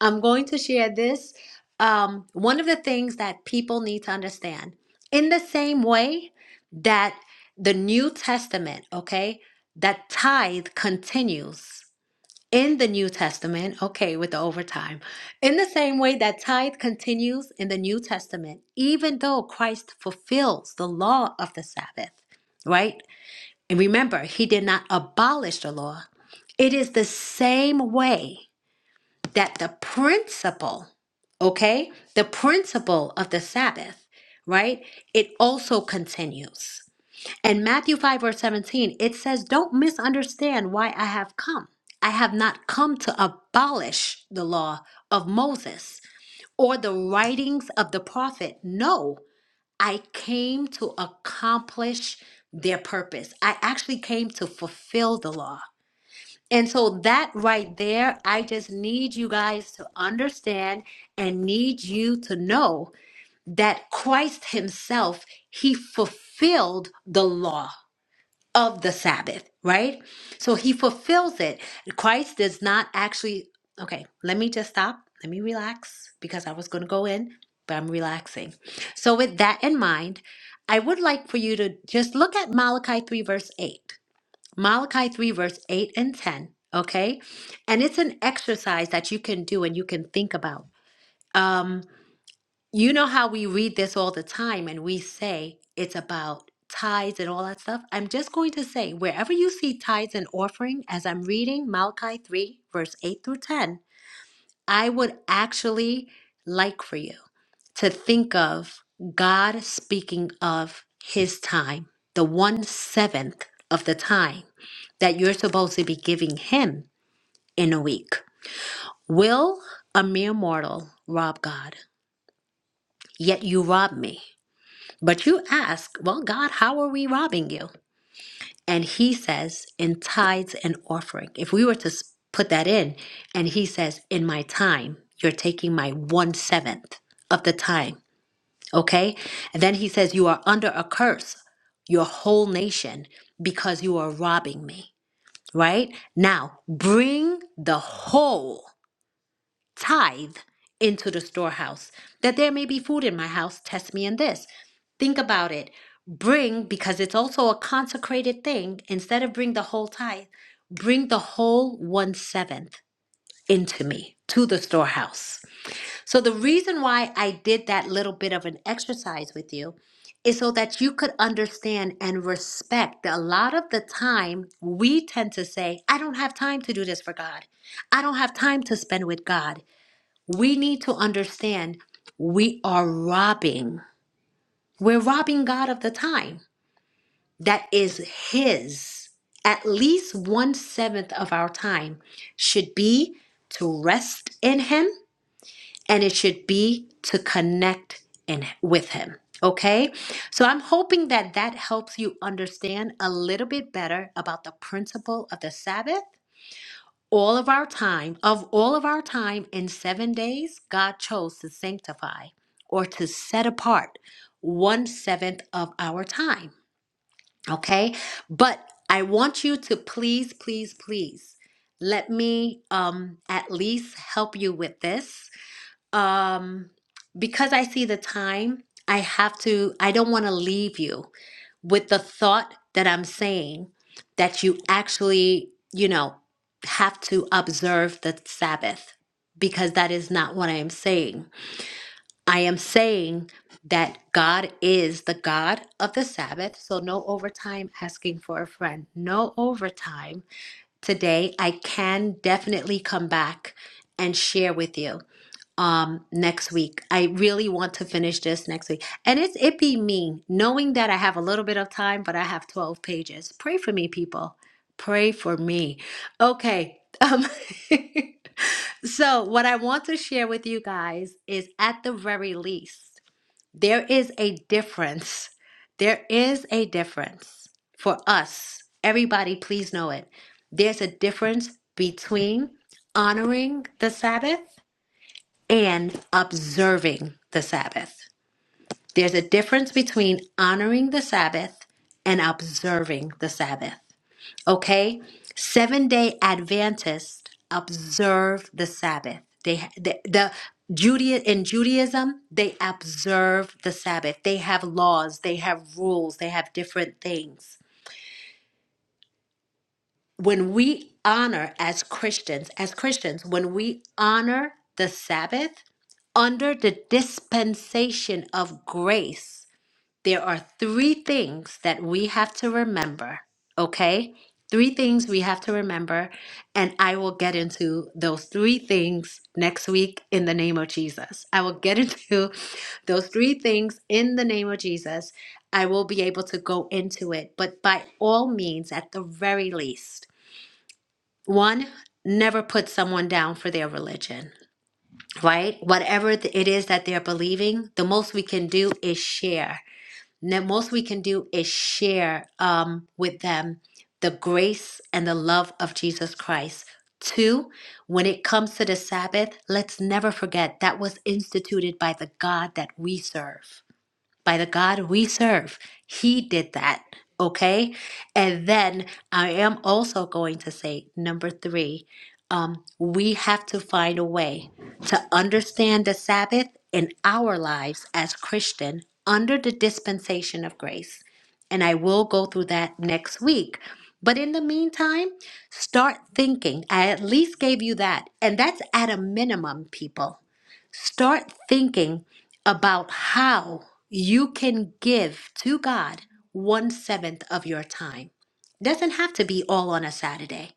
I'm going to share this. Um, one of the things that people need to understand in the same way that the New Testament, okay, that tithe continues in the New Testament, okay, with the overtime, in the same way that tithe continues in the New Testament, even though Christ fulfills the law of the Sabbath, right? And remember, he did not abolish the law. It is the same way that the principle, okay, the principle of the Sabbath, right? It also continues. And Matthew 5, verse 17, it says, Don't misunderstand why I have come. I have not come to abolish the law of Moses or the writings of the prophet. No, I came to accomplish their purpose. I actually came to fulfill the law. And so that right there, I just need you guys to understand and need you to know that Christ Himself, He fulfilled the law of the Sabbath, right? So he fulfills it. Christ does not actually, okay, let me just stop. Let me relax because I was going to go in, but I'm relaxing. So, with that in mind, I would like for you to just look at Malachi 3, verse 8. Malachi 3, verse 8 and 10, okay? And it's an exercise that you can do and you can think about. Um. You know how we read this all the time and we say it's about tithes and all that stuff? I'm just going to say, wherever you see tithes and offering, as I'm reading Malachi 3, verse 8 through 10, I would actually like for you to think of God speaking of his time, the one seventh of the time that you're supposed to be giving him in a week. Will a mere mortal rob God? Yet you rob me. But you ask, well, God, how are we robbing you? And he says, in tithes and offering. If we were to s- put that in, and he says, in my time, you're taking my one seventh of the time. Okay? And then he says, you are under a curse, your whole nation, because you are robbing me. Right? Now, bring the whole tithe into the storehouse, that there may be food in my house. Test me in this. Think about it. Bring, because it's also a consecrated thing, instead of bring the whole tithe, bring the whole one seventh into me, to the storehouse. So, the reason why I did that little bit of an exercise with you is so that you could understand and respect that a lot of the time we tend to say, I don't have time to do this for God. I don't have time to spend with God we need to understand we are robbing. We're robbing God of the time that is His. At least one seventh of our time should be to rest in Him and it should be to connect in, with Him. Okay? So I'm hoping that that helps you understand a little bit better about the principle of the Sabbath all of our time, of all of our time in seven days, God chose to sanctify or to set apart one seventh of our time. Okay. But I want you to please, please, please let me um, at least help you with this. Um, because I see the time, I have to, I don't want to leave you with the thought that I'm saying that you actually, you know, have to observe the Sabbath because that is not what I am saying. I am saying that God is the God of the Sabbath, so no overtime asking for a friend, no overtime. Today, I can definitely come back and share with you um next week. I really want to finish this next week. And it's it be me, knowing that I have a little bit of time, but I have 12 pages. Pray for me, people. Pray for me. Okay. Um so what I want to share with you guys is at the very least, there is a difference. There is a difference for us. Everybody, please know it. There's a difference between honoring the Sabbath and observing the Sabbath. There's a difference between honoring the Sabbath and observing the Sabbath. Okay? Seven day Adventists observe the Sabbath. They, the, the Judea, in Judaism, they observe the Sabbath. They have laws, they have rules, they have different things. when we honor as Christians, as Christians, when we honor the Sabbath under the dispensation of grace, there are three things that we have to remember, okay? Three things we have to remember, and I will get into those three things next week in the name of Jesus. I will get into those three things in the name of Jesus. I will be able to go into it, but by all means, at the very least, one, never put someone down for their religion, right? Whatever th- it is that they're believing, the most we can do is share. The most we can do is share um, with them the grace and the love of Jesus Christ. Two, when it comes to the Sabbath, let's never forget that was instituted by the God that we serve by the God we serve. He did that. Okay. And then I am also going to say number three, um, we have to find a way to understand the Sabbath in our lives as Christian under the dispensation of grace. And I will go through that next week. But in the meantime, start thinking. I at least gave you that. And that's at a minimum, people Start thinking about how you can give to God one seventh of your time. Doesn't have to be all on a Saturday.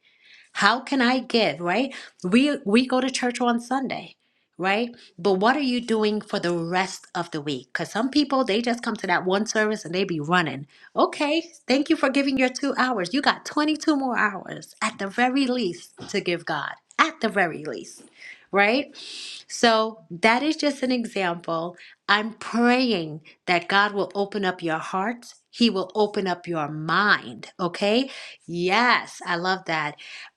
How can I give, right? We we go to church on Sunday, right? But what are you doing for the rest of the week? Because some people they just come to that one service and they be running. Okay, thank you for giving your two hours. You got 22 more hours at the very least to give God. At the very least, right? So that is just an example. I'm praying that God will open up your hearts. He will open up your mind. Okay. Yes, I love that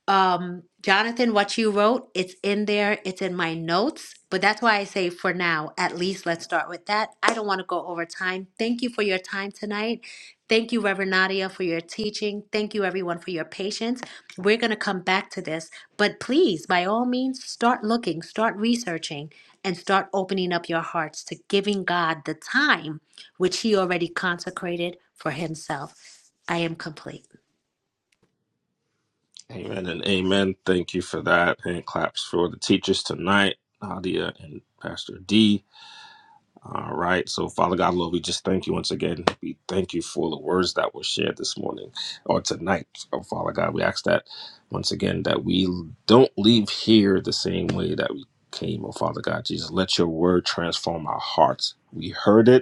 um Jonathan, what you wrote, it's in there, it's in my notes, but that's why I say for now, at least let's start with that. I don't want to go over time. Thank you for your time tonight. Thank you, Reverend Nadia, for your teaching. Thank you, everyone, for your patience. We're going to come back to this, but please, by all means, start looking, start researching, and start opening up your hearts to giving God the time which He already consecrated for Himself. I am complete.
Amen and amen. Thank you for that. And claps for the teachers tonight, Nadia and Pastor D. All right. So, Father God, Lord, we just thank you once again. We thank you for the words that were shared this morning or tonight. Oh, Father God, we ask that once again that we don't leave here the same way that we came. Oh, Father God, Jesus, let your word transform our hearts. We heard it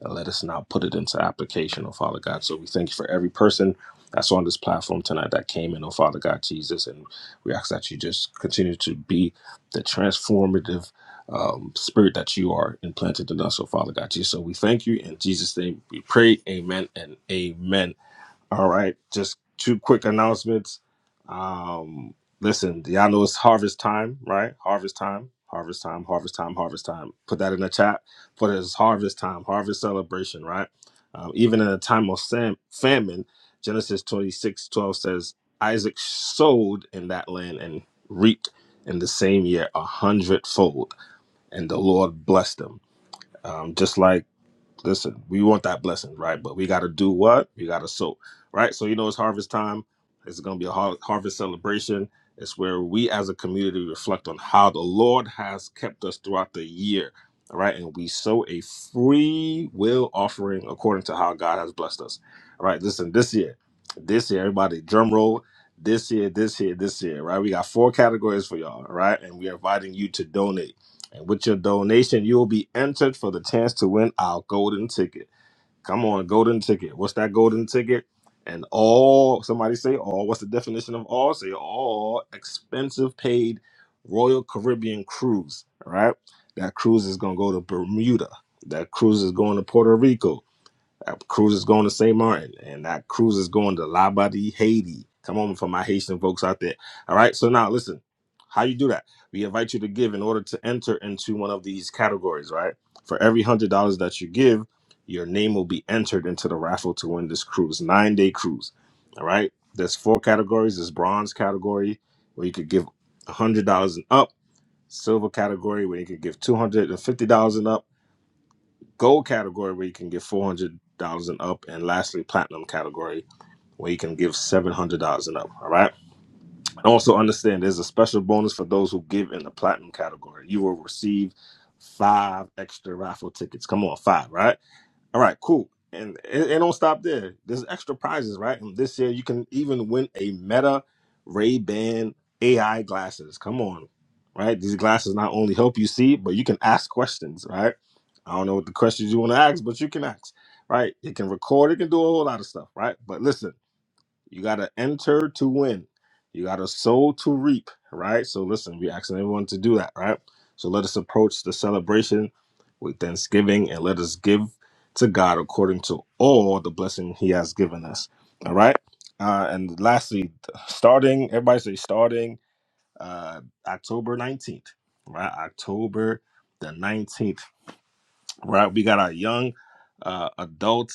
and let us now put it into application, oh Father God. So we thank you for every person that's on this platform tonight that came in, oh Father God Jesus. And we ask that you just continue to be the transformative um, spirit that you are implanted in us, oh Father God Jesus. So we thank you in Jesus' name. We pray, amen and amen. All right, just two quick announcements. Um, listen, y'all know it's harvest time, right? Harvest time, harvest time, harvest time, harvest time. Put that in the chat for this harvest time, harvest celebration, right? Um, even in a time of sam- famine, Genesis 26 12 says, Isaac sowed in that land and reaped in the same year a hundredfold, and the Lord blessed him. Um, just like listen, we want that blessing, right? But we got to do what? We got to sow, right? So, you know, it's harvest time. It's going to be a har- harvest celebration. It's where we as a community reflect on how the Lord has kept us throughout the year, all right? And we sow a free will offering according to how God has blessed us, all right? Listen, this year, this year, everybody, drum roll. This year, this year, this year, right? We got four categories for y'all, all right? And we're inviting you to donate. And with your donation, you will be entered for the chance to win our golden ticket. Come on, golden ticket. What's that golden ticket? And all, somebody say all. What's the definition of all? Say all expensive paid Royal Caribbean cruise. All right. That cruise is going to go to Bermuda. That cruise is going to Puerto Rico. That cruise is going to St. Martin, and that cruise is going to Labadie, Haiti. Come on, for my Haitian folks out there. All right. So now, listen, how you do that? We invite you to give in order to enter into one of these categories, right? For every hundred dollars that you give, your name will be entered into the raffle to win this cruise, nine day cruise. All right. There's four categories. There's bronze category where you could give hundred dollars and up, silver category where you could give two hundred and fifty dollars and up gold category where you can give four hundred dollars and up, and lastly platinum category where you can give seven hundred dollars and up. All right. And also understand there's a special bonus for those who give in the platinum category. You will receive five extra raffle tickets. Come on, five, right? All right, cool. And it, it don't stop there. There's extra prizes, right? And this year you can even win a Meta Ray Ban AI glasses. Come on, right? These glasses not only help you see, but you can ask questions, right? I don't know what the questions you want to ask, but you can ask, right? It can record, it can do a whole lot of stuff, right? But listen. You got to enter to win. You got to sow to reap, right? So listen, we're asking everyone to do that, right? So let us approach the celebration with thanksgiving and let us give to God according to all the blessing He has given us, all right? Uh, and lastly, starting, everybody say starting uh, October 19th, right? October the 19th, right? We got our young uh, adults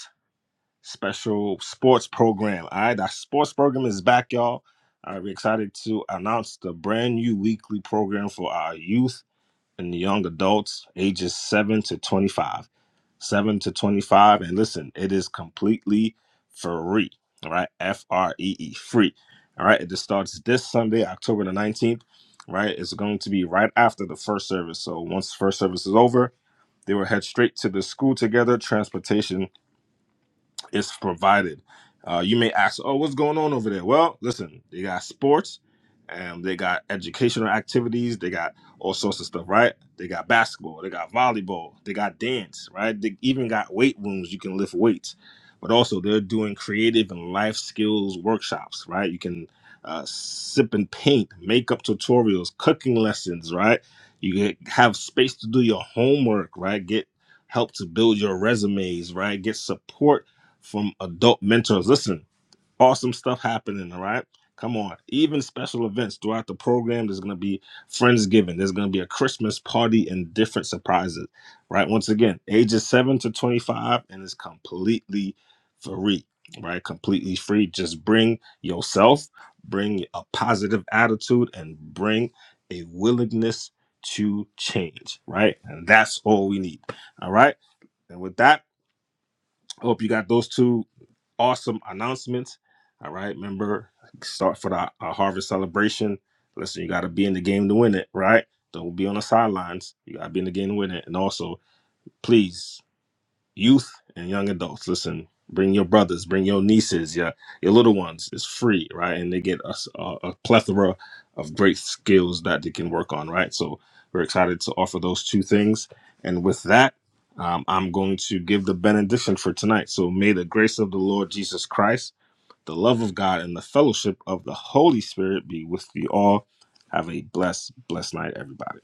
special sports program. All right, our sports program is back, y'all. Uh, we're excited to announce the brand new weekly program for our youth and young adults ages 7 to 25. 7 to 25. And listen, it is completely free. All right, F R E E, free. All right, it just starts this Sunday, October the 19th. Right, it's going to be right after the first service. So once first service is over, they will head straight to the school together. Transportation it's provided. Uh, you may ask, oh, what's going on over there? Well, listen, they got sports, and they got educational activities. They got all sorts of stuff, right? They got basketball, they got volleyball, they got dance, right? They even got weight rooms. You can lift weights, but also they're doing creative and life skills workshops, right? You can uh, sip and paint, makeup tutorials, cooking lessons, right? You get, have space to do your homework, right? Get help to build your resumes, right? Get support from adult mentors. Listen, awesome stuff happening, all right? Come on. Even special events throughout the program. There's going to be Friendsgiving. There's going to be a Christmas party and different surprises, right? Once again, ages 7 to 25, and it's completely free, right? Completely free. Just bring yourself, bring a positive attitude, and bring a willingness to change, right? And that's all we need, all right? And with that, Hope you got those two awesome announcements. All right, remember start for the our harvest celebration. Listen, you got to be in the game to win it, right? Don't be on the sidelines. You got to be in the game to win it. And also, please youth and young adults listen bring your brothers bring your nieces your your little ones it's free right and they get a, s- a- a plethora of great skills that they can work on right so we're excited to offer those two things and with that um, i'm going to give the benediction for tonight so may the grace of the lord jesus christ the love of god and the fellowship of the holy spirit be with you all have a blessed blessed night everybody